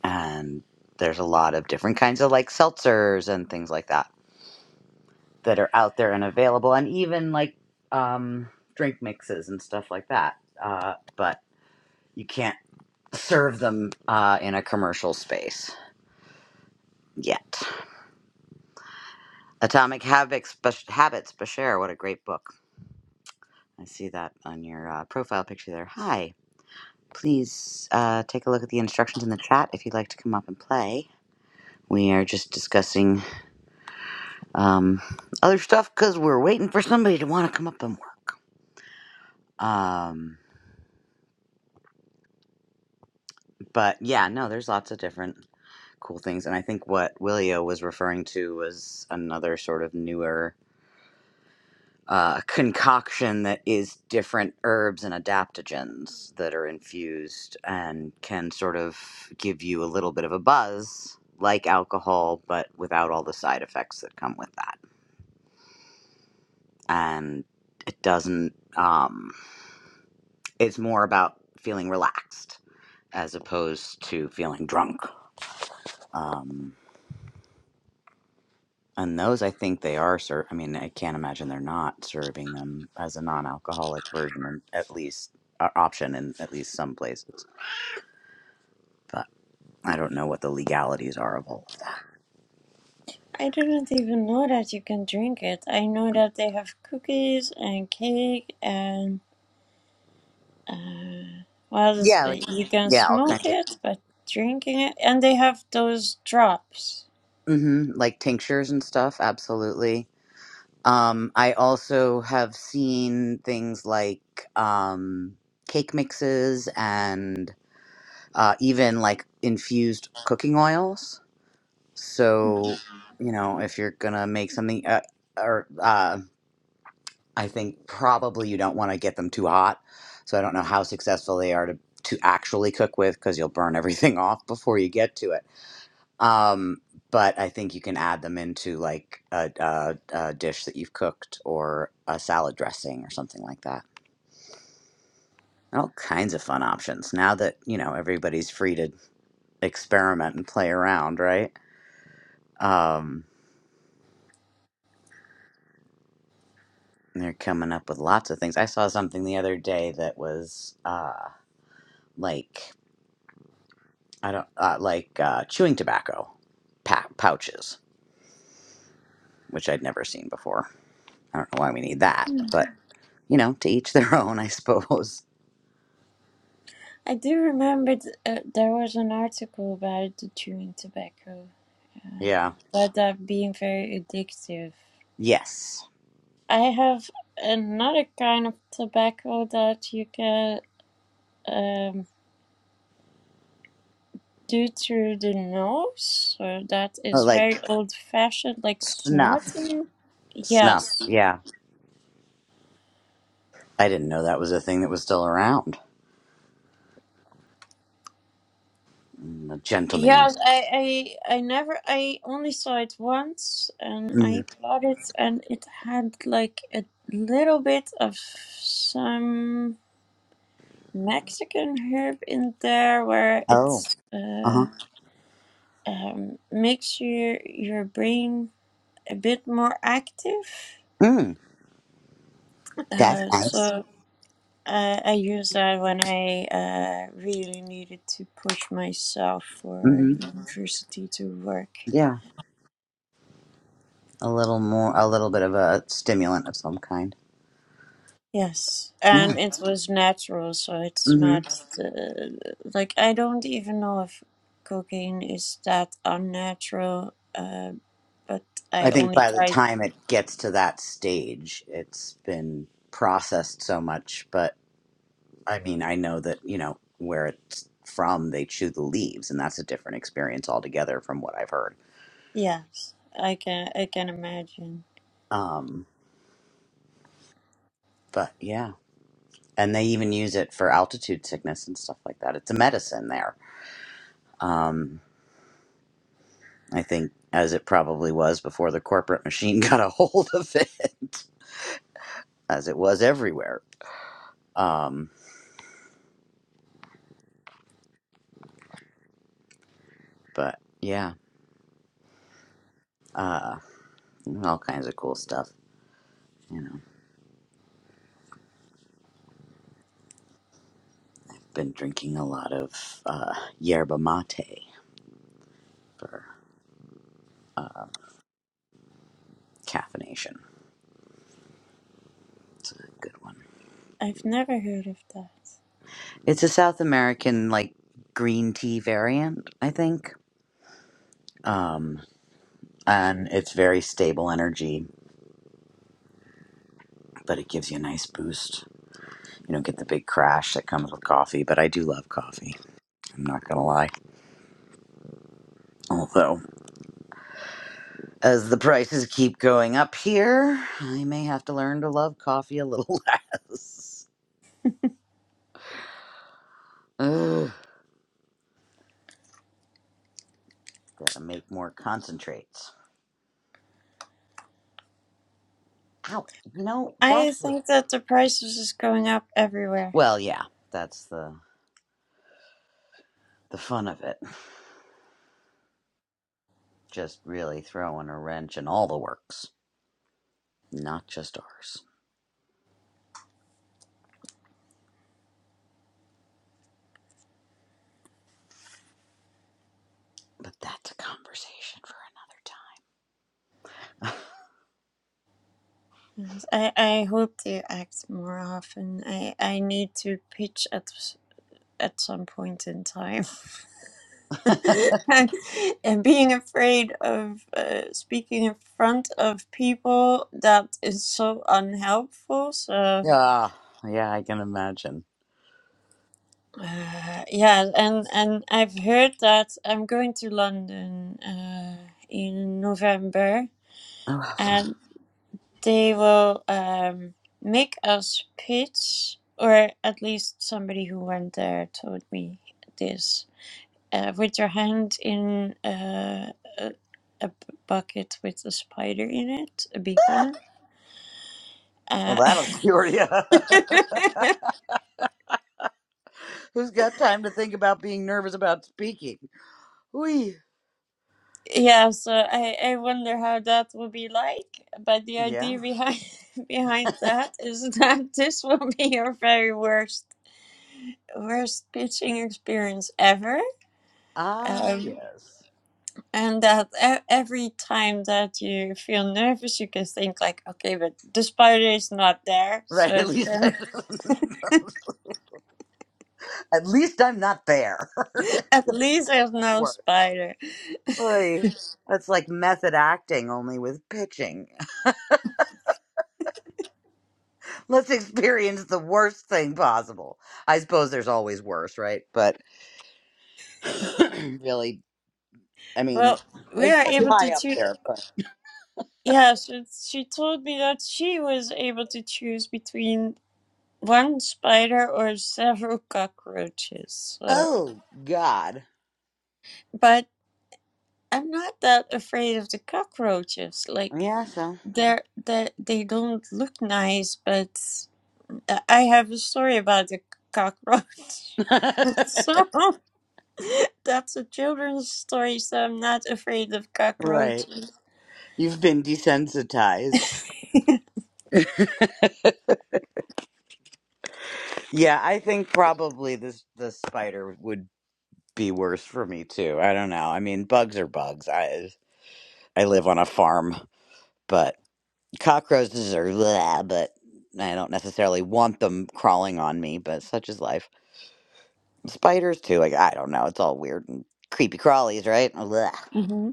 And there's a lot of different kinds of like seltzers and things like that that are out there and available and even like um drink mixes and stuff like that. Uh but you can't serve them uh in a commercial space yet. Atomic Habits, Bash- Habits, Bashir. What a great book. I see that on your uh, profile picture there. Hi. Please uh, take a look at the instructions in the chat if you'd like to come up and play. We are just discussing um, other stuff because we're waiting for somebody to want to come up and work. Um, but yeah, no, there's lots of different cool things. And I think what Willio was referring to was another sort of newer uh, concoction that is different herbs and adaptogens that are infused and can sort of give you a little bit of a buzz like alcohol but without all the side effects that come with that and it doesn't um, it's more about feeling relaxed as opposed to feeling drunk um, and those i think they are ser- i mean i can't imagine they're not serving them as a non-alcoholic version in- at least uh, option in at least some places but I don't know what the legalities are of all of that. I didn't even know that you can drink it. I know that they have cookies and cake and uh, well, this- Yeah, uh, like you can yeah, all smoke kinds of it, but drinking it, and they have those drops. hmm like tinctures and stuff. Absolutely. Um, I also have seen things like um, cake mixes and uh, even like infused cooking oils. So you know, if you're gonna make something, uh, or uh, I think probably you don't want to get them too hot. So I don't know how successful they are to, to actually cook with because you'll burn everything off before you get to it. Um, but I think you can add them into like a, a, a dish that you've cooked or a salad dressing or something like that. All kinds of fun options now that you know everybody's free to experiment and play around, right? Um, they're coming up with lots of things. I saw something the other day that was uh, like I don't uh, like uh, chewing tobacco pa- pouches, which I'd never seen before. I don't know why we need that, but you know, to each their own, I suppose. I do remember th- uh, there was an article about the chewing tobacco, Yeah. about that being very addictive. Yes. I have another kind of tobacco that you can um, do through the nose. So that Uh, is Like very old fashioned, like snuff, snorting. snuff. Yes. Yeah, I didn't know that was a thing that was still around. Mm, The gentleman Yeah, used. I, I I never I only saw it once and hmm I bought it and it had like a little bit of some Mexican herb in there where Oh. it's Uh uh huh. um makes your your brain a bit more active. Mm, that's Uh, nice. so uh, I use that when I uh, really needed to push myself for Mm-hmm. university to work. Yeah. A little more, a little bit of a stimulant of some kind. Yes, Yeah. and it was natural, so it's Mm-hmm. not uh, like I don't even know if cocaine is that unnatural. Uh, but I I think only by the tried. time it gets to that stage, it's been processed so much. But I mean, I know that, you know, where it's from, they chew the leaves, and that's a different experience altogether from what I've heard. Yes, I can. I can imagine. Um, but yeah. And they even use it for altitude sickness and stuff like that. It's a medicine there. Um, I think, as it probably was before the corporate machine got a hold of it, as it was everywhere. Um, but yeah, uh, all kinds of cool stuff. You know, been drinking a lot of uh, yerba mate for uh, caffeination. It's a good one. I've never heard of that. It's a South American like green tea variant, I think. Um, and it's very stable energy, but it gives you a nice boost. You don't get the big crash that comes with coffee, but I do love coffee. I'm not gonna lie. Although, as the prices keep going up here, I may have to learn to love coffee a little less. Ugh. Gotta make more concentrates. Ow. No, that. I think that the prices is going up everywhere. well, yeah, that's the the fun of it. Just really throwing a wrench in all the works, not just ours. But that's a conversation for Yes, I, I hope to act more often. I, I need to pitch at at some point in time. another time. and, and being afraid of uh, speaking in front of people that is so unhelpful. So Yeah, yeah, I can imagine. uh, yeah, and and I've heard that I'm going to London uh, in November, Oh, how fun. and They will um, make us pits, or at least somebody who went there told me this. Uh, with your hand in uh, a, a b- bucket with a spider in it, a big one. Well, Uh, that'll cure you. Who's got time to think about being nervous about speaking? We. yeah, so I, I wonder how that will be like. But the Yeah. idea behind behind that is that this will be your very worst worst pitching experience ever. Ah, Um, yes. And that e- every time that you feel nervous, you can think like, okay, but the spider is not there, so Right. At it least, I, can at least I'm not there. Could at least so there's much no worse. spider. Oy. That's like method acting, only with pitching. Let's experience the worst thing possible. I suppose there's always worse, right? But really, I mean, Well, we it's are pretty able to high up choose. there. But Yeah, so she told me that she was able to choose between one spider or several cockroaches. So, oh God, but I'm not that afraid of the cockroaches. Like yeah. So they're they they don't look nice, but uh, I have a story about the cockroach. So that's a children's story, so I'm not afraid of right, cockroaches. you've been desensitized. Yeah, I think probably this the spider would be worse for me too. I don't know. I mean, bugs are bugs. I I live on a farm, but cockroaches are blah, but I don't necessarily want them crawling on me, but such is life. Spiders too, like I don't know, it's all weird and creepy crawlies, right? Blah, hmm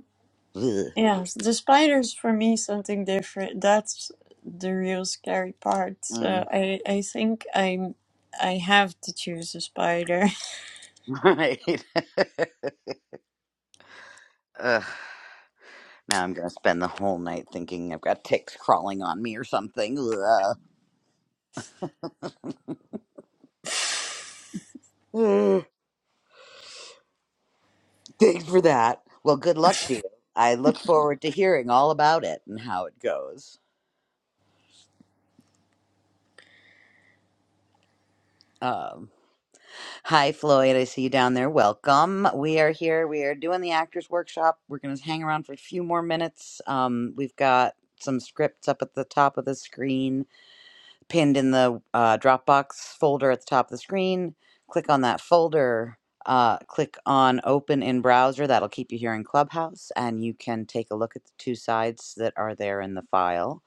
blah. Yes, the spiders for me something different. That's the real scary part. So Mm. I I think I'm I have to choose a spider. Right. Ugh. Now I'm gonna spend the whole night thinking I've got ticks crawling on me or something. Ugh. Ugh. Thanks for that. Well, good luck to you. I look forward to hearing all about it and how it goes. Um. Hi, Floyd. I see you down there. Welcome. We are here. We are doing the actors workshop. We're going to hang around for a few more minutes. Um, we've got some scripts up at the top of the screen, pinned in the uh, Dropbox folder at the top of the screen. Click on that folder. Uh, click on open in browser. That'll keep you here in Clubhouse, and you can take a look at the two sides that are there in the file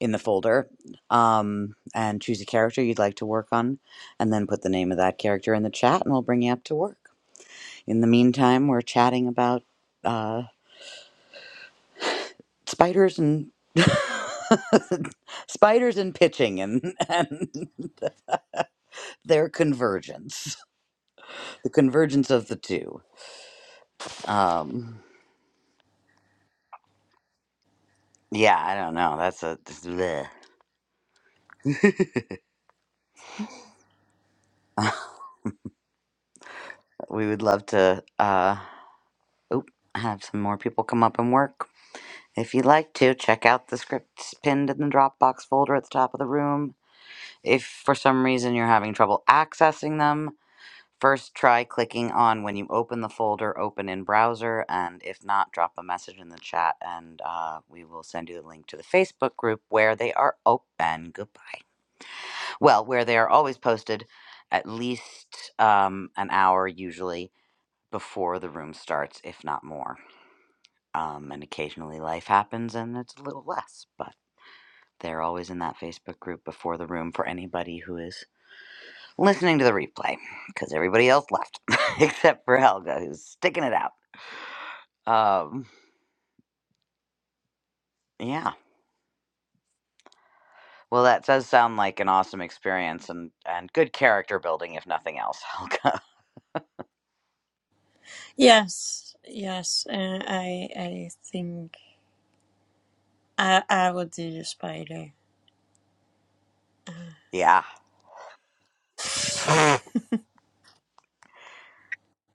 in the folder um, and choose a character you'd like to work on, and then put the name of that character in the chat, and we'll bring you up to work. In the meantime, we're chatting about uh, spiders and spiders and pitching and, and their convergence, the convergence of the two. Um, yeah, I don't know. That's a that's bleh. we would love to uh, oop, have some more people come up and work. If you'd like to, check out the scripts pinned in the Dropbox folder at the top of the room. If for some reason you're having trouble accessing them, first try clicking on when you open the folder, open in browser, and if not, drop a message in the chat and uh, we will send you the link to the Facebook group where they are open. Goodbye. Well, where they are always posted at least um, an hour usually before the room starts, if not more. Um, and occasionally life happens and it's a little less, but. They're always in that Facebook group before the room for anybody who is listening to the replay because everybody else left except for Helga who's sticking it out. Um, yeah. Well, that does sound like an awesome experience and, and good character building, if nothing else, Helga. yes, yes, uh, I I think I I would do the spider. yeah.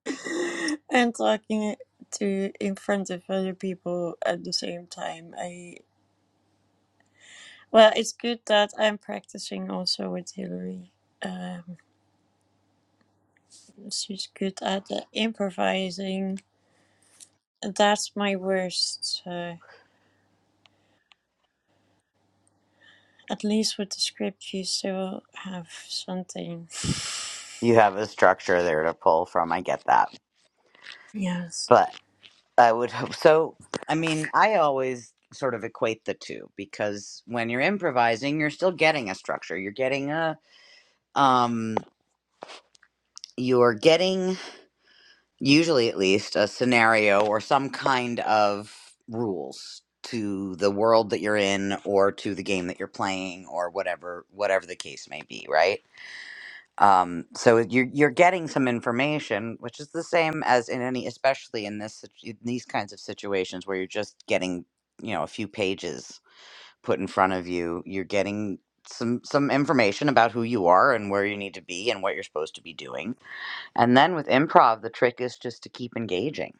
and talking to in front of other people at the same time. I. Well, it's good that I'm practicing also with Hillary. Um, she's good at the improvising. That's my worst. Uh, at least with the script, you still have something. You have a structure there to pull from. I get that. Yes. But I would hope so. I mean, I always sort of equate the two because when you're improvising, you're still getting a structure. You're getting a um you're getting usually at least a scenario or some kind of rules to the world that you're in or to the game that you're playing or whatever whatever the case may be right um, so you're, you're getting some information which is the same as in any especially in this sit- in these kinds of situations where you're just getting you know a few pages put in front of you you're getting some some information about who you are and where you need to be and what you're supposed to be doing and then with improv, the trick is just to keep engaging,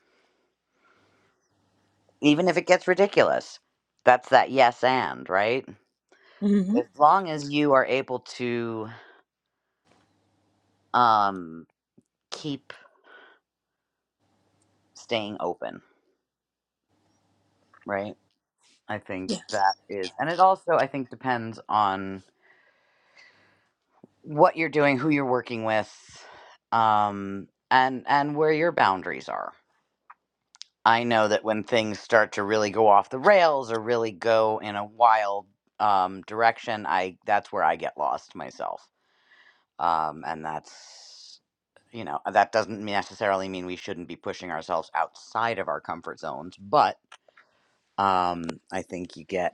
even if it gets ridiculous. That's that yes and, right? Mm-hmm. As long as you are able to um, keep staying open, right? I think that Yes. is. And it also, I think, depends on what you're doing, who you're working with, um, and and where your boundaries are. I know that when things start to really go off the rails or really go in a wild um, direction, I that's where I get lost myself. Um, and that's you know uh, that doesn't necessarily mean we shouldn't be pushing ourselves outside of our comfort zones, but um, I think you get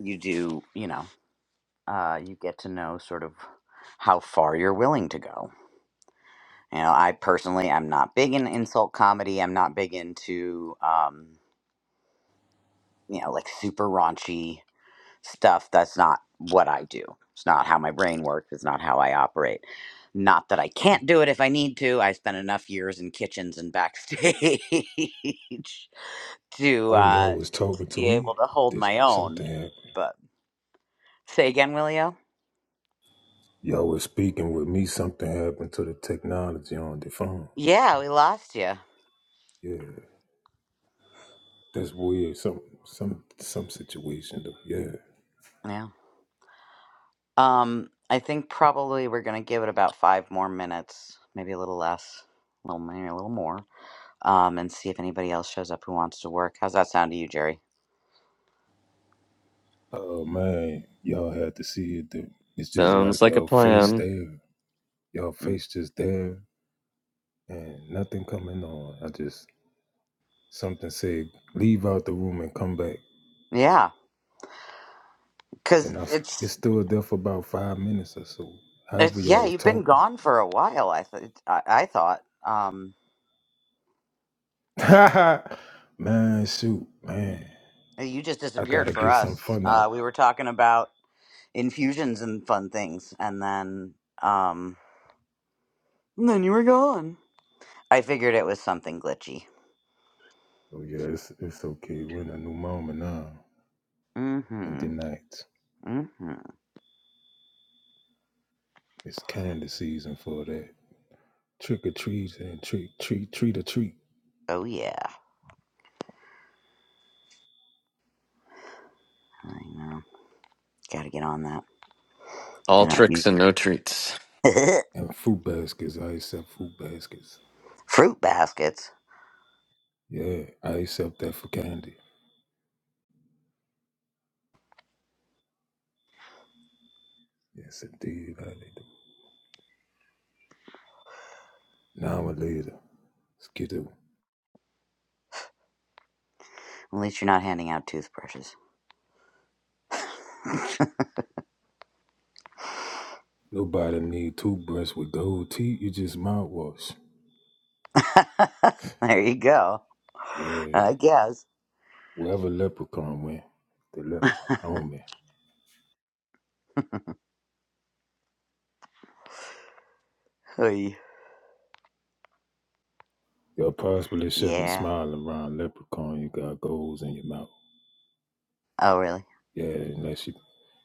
you do you know uh, you get to know sort of how far you're willing to go. You know, I personally am not big in insult comedy. I'm not big into um, you know like super raunchy stuff that's not what I do. It's not how my brain works. It's not how I operate. Not that I can't do it if I need to. I spent enough years in kitchens and backstage to Oh uh, y'all was to talking to be me. able to hold This my own. something happened. But say again, Willio. Y'all was speaking with me. Something happened to the technology on the phone. Yeah, we lost you. Yeah, that's weird. Some some some situation though. Yeah. Yeah. Um, I think probably we're gonna give it about five more minutes, maybe a little less, a little maybe a little more, um, and see if anybody else shows up who wants to work. How's that sound to you, Jerry? Oh man, y'all had to see it. Though. It's just like Sounds like a y'all face plan. there. Y'all Mm. face just there, and nothing coming on. I just something said leave out the room and come back, Yeah, Because and I s- it it's, stood there for about five minutes or so. However it's y'all yeah, was you've been talking. gone for a while. I th- I, I thought um, man, shoot, man, eh, you just I disappeared gotta for get us. some fun out. Uh, we were talking about infusions and fun things, and then um, and then you were gone. I figured it was something glitchy. So yeah, it's it's okay. We're in a new moment now in Mm-hmm. the night. Mm-hmm. It's candy season for that. Trick or treats and treat treat treat or treat. Oh yeah, I know. Got to get on that. I All know. You- tricks and no treats. And food baskets. I accept food baskets. Fruit baskets. Yeah, I accept that for candy. Yes indeed, I do. Now or later. Skittle. At least you're not handing out toothbrushes. Nobody need toothbrush with gold teeth, you just mouthwash. there you go. Yeah. I guess. Wherever leprechaun went, the leprechaun homie. Hey. You're possibly shouldn't Yeah. smile around leprechaun, you got goals in your mouth. Oh really? Yeah, unless you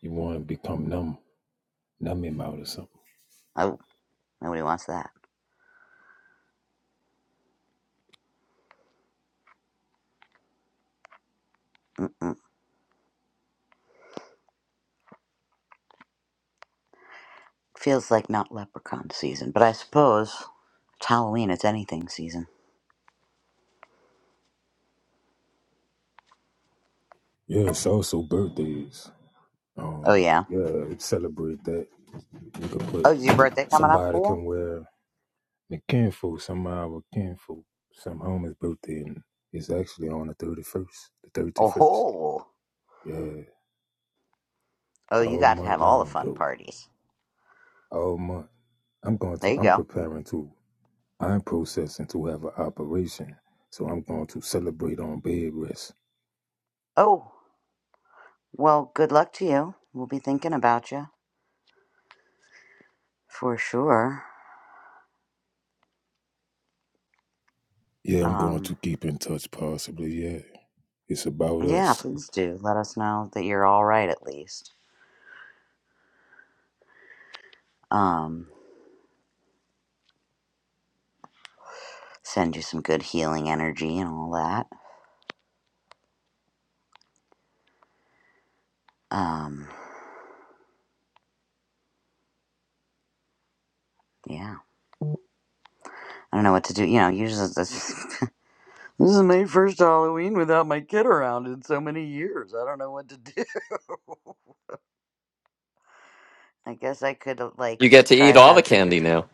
you want to become numb, numb him out or something. Oh, Nobody wants that. Mm. Feels like not leprechaun season, but I suppose it's Halloween. It's anything season. Yeah, it's also birthdays. Oh Um, yeah. yeah, celebrate that. You could put Oh, is your birthday coming up, somebody Leo? can wear the kinfolk, some of our kinfolk, some homie's birthday, and it's actually on the thirty first, the thirty Oh first. ho! Yeah, Oh, you all got to month have all the long fun though, parties. all month. I'm going There to, you I'm go. preparing to, I'm processing to have an operation, so I'm going to celebrate on bed rest. Oh, well, good luck to you. We'll be thinking about you for sure. Yeah, I'm going Um, to keep in touch possibly. Yeah. It's about yeah, us. please do let us know that you're all right at least. Um, send you some good healing energy and all that. Um, yeah. I don't know what to do. You know, usually this. This is my first Halloween without my kid around in so many years. I don't know what to do. I guess I could uh, like You get to try eat to all the have trick or candy treat. now.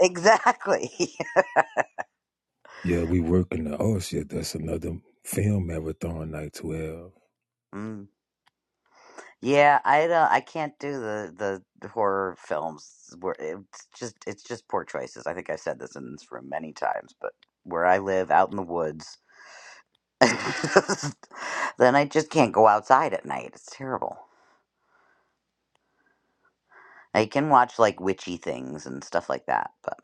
Exactly. Yeah, we working the us. Yeah, that's another film marathon night Twelve. mm. Yeah, I don't. I can't do the the horror films. Where it's just it's just poor choices. I think I've said this in this room many times, but where I live out in the woods, then I just can't go outside at night. It's terrible. I can watch like witchy things and stuff like that, but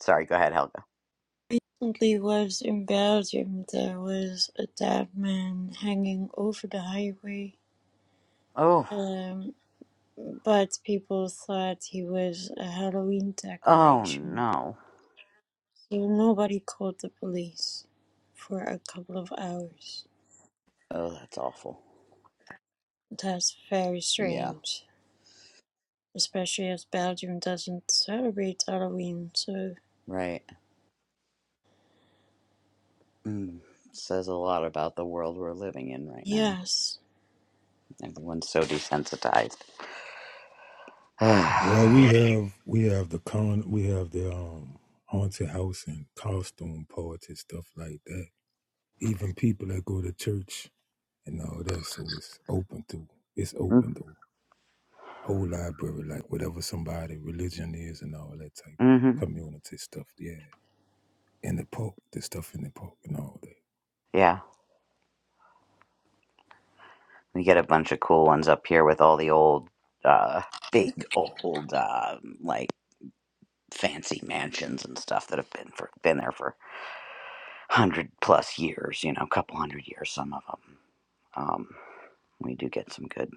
sorry. Go ahead, Helga. Recently was in Belgium. There was a dead man hanging over the highway. Oh. Um, but people thought he was a Halloween Oh decoration. no. So nobody called the police for a couple of hours. Oh, that's awful. That's very Yeah, strange, especially as Belgium doesn't celebrate Halloween. So, right. Mm. Says a lot about the world we're living in right now. yes. Everyone's so desensitized. Well, we have we have the con we have the um haunted house and costume party stuff like that. Even people that go to church and all that. So it's open to it's Yeah. open to whole library, like whatever somebody religion is and all that type mm-hmm. community stuff. Yeah, in the park, the stuff in the park and all that. Yeah, we get a bunch of cool ones up here with all the old, uh, big old, um, like fancy mansions and stuff that have been for been there for hundred plus years. You know, a couple hundred years, some of them. Um, we do get some good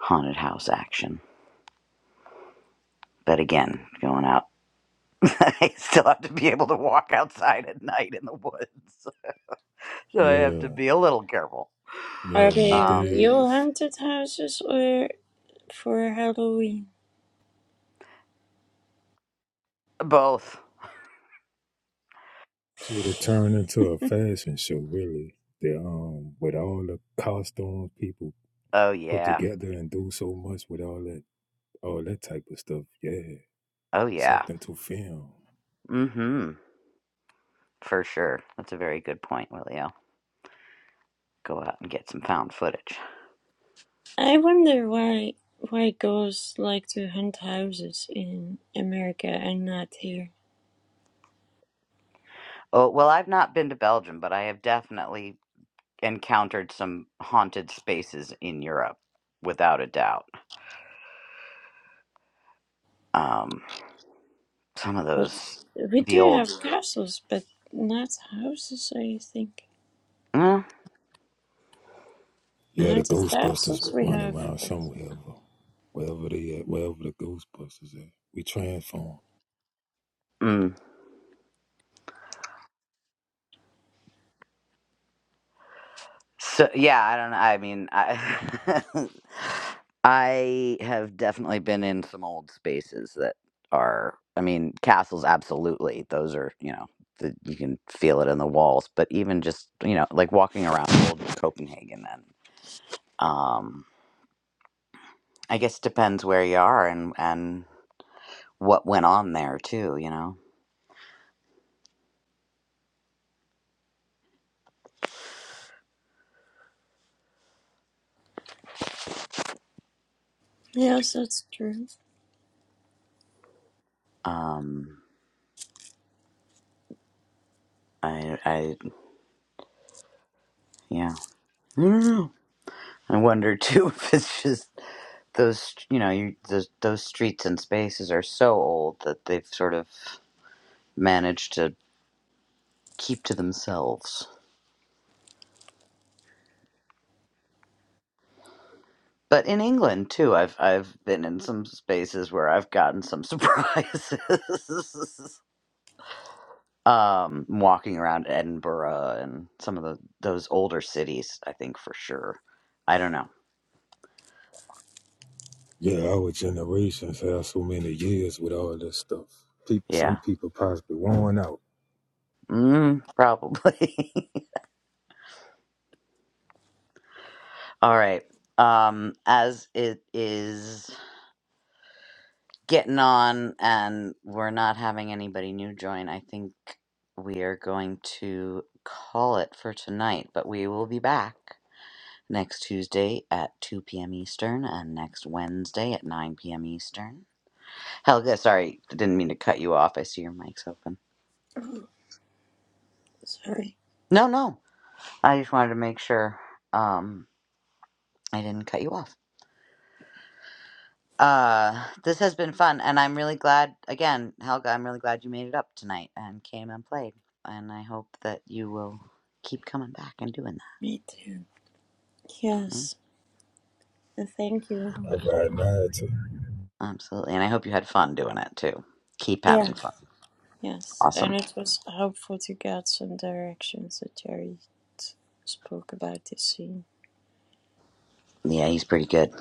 haunted house action. But again, going out. I still have to be able to walk outside at night in the woods. So I have to Yeah. be a little careful. Are Yeah, no they Um, real days. haunted houses or for Halloween? both. So they turn into a fashion show, really. They um with all the costumes people Oh, put yeah. together and do so much with all that all that type of stuff. Yeah. Oh, yeah. Something to film. Mm hmm. For sure. That's a very good point, Willio. Go out and get some found footage. I wonder why why ghosts like to hunt houses in America and not here. Oh, well, I've not been to Belgium, but I have definitely encountered some haunted spaces in Europe, without a doubt. Um, some of But those, we the do old. have castles, but not houses, I think. Mm, Yeah, the Haunted Ghostbusters castles we running have. around somewhere. bro. Wherever they at, wherever the Ghostbusters at. We transform. mm. So yeah, I don't know. I mean, I I have definitely been in some old spaces that are. I mean, castles absolutely. Those are you know the, you can feel it in the walls. But even just you know like walking around old Copenhagen and um, I guess it depends where you are and and what went on there too. You know, Yes, that's true. um, I I yeah. I don't know. I wonder too if it's just those you know you, those those streets and spaces are so old that they've sort of managed to keep to themselves. But in England too, I've I've been in some spaces where I've gotten some surprises. um, walking around Edinburgh and some of the those older cities, I think for sure. I don't know. Yeah, our generations have so many years with all this stuff. People, some Yeah, people possibly worn out. mm, probably. All right. Um, as it is getting on and we're not having anybody new join, I think we are going to call it for tonight, but we will be back next Tuesday at 2 p.m. Eastern and next Wednesday at 9 p.m. Eastern. Helga, sorry, didn't mean to cut you off. I see your mic's open. Oh, sorry. No, no. I just wanted to make sure um I didn't cut you off. Uh, this has been fun, and I'm really glad, again, Helga, I'm really glad you made it up tonight and came and played. And I hope that you will keep coming back and doing Me too. that. Mm, Yes. and Thank you. I ride 90, Absolutely. And I hope you had fun doing it too. Keep Yeah. having fun. It's Yes. And Awesome. it was helpful to get some directions that Jerry t- spoke about this scene. Yeah, he's pretty good.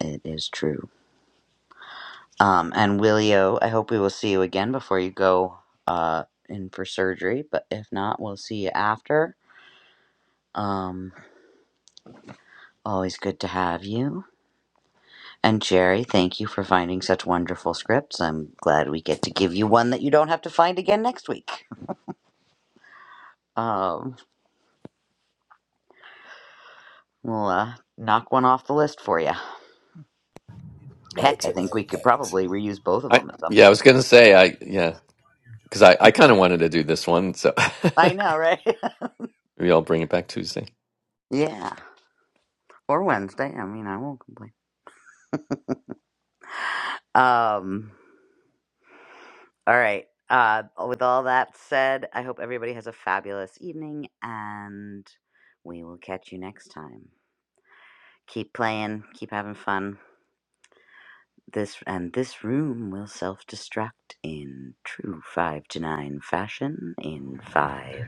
It is true. Um, and Willio, I hope we will see you again before you go uh, in for surgery. But if not, we'll see you after. Um, always good to have you. And Jerry, thank you for finding such wonderful scripts. I'm glad we get to give you one that you don't have to find again next week. Um, we'll uh, knock one off the list for you. Heck, I think we could 99, probably reuse both of I them at some yeah, I was point. gonna say I yeah, because I I kind of wanted to do this one, so I know, right? maybe I'll bring it back Tuesday. yeah, or Wednesday. I mean, I won't complain. Um, all right. Uh, with all that said, I hope everybody has a fabulous evening, and we will catch you next time. Keep playing, keep having fun. This and this room will self-destruct in true five to nine fashion in five,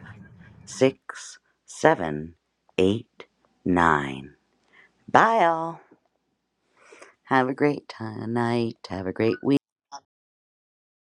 six, seven, eight, nine. Bye all. Have a great ti- night. Have a great week.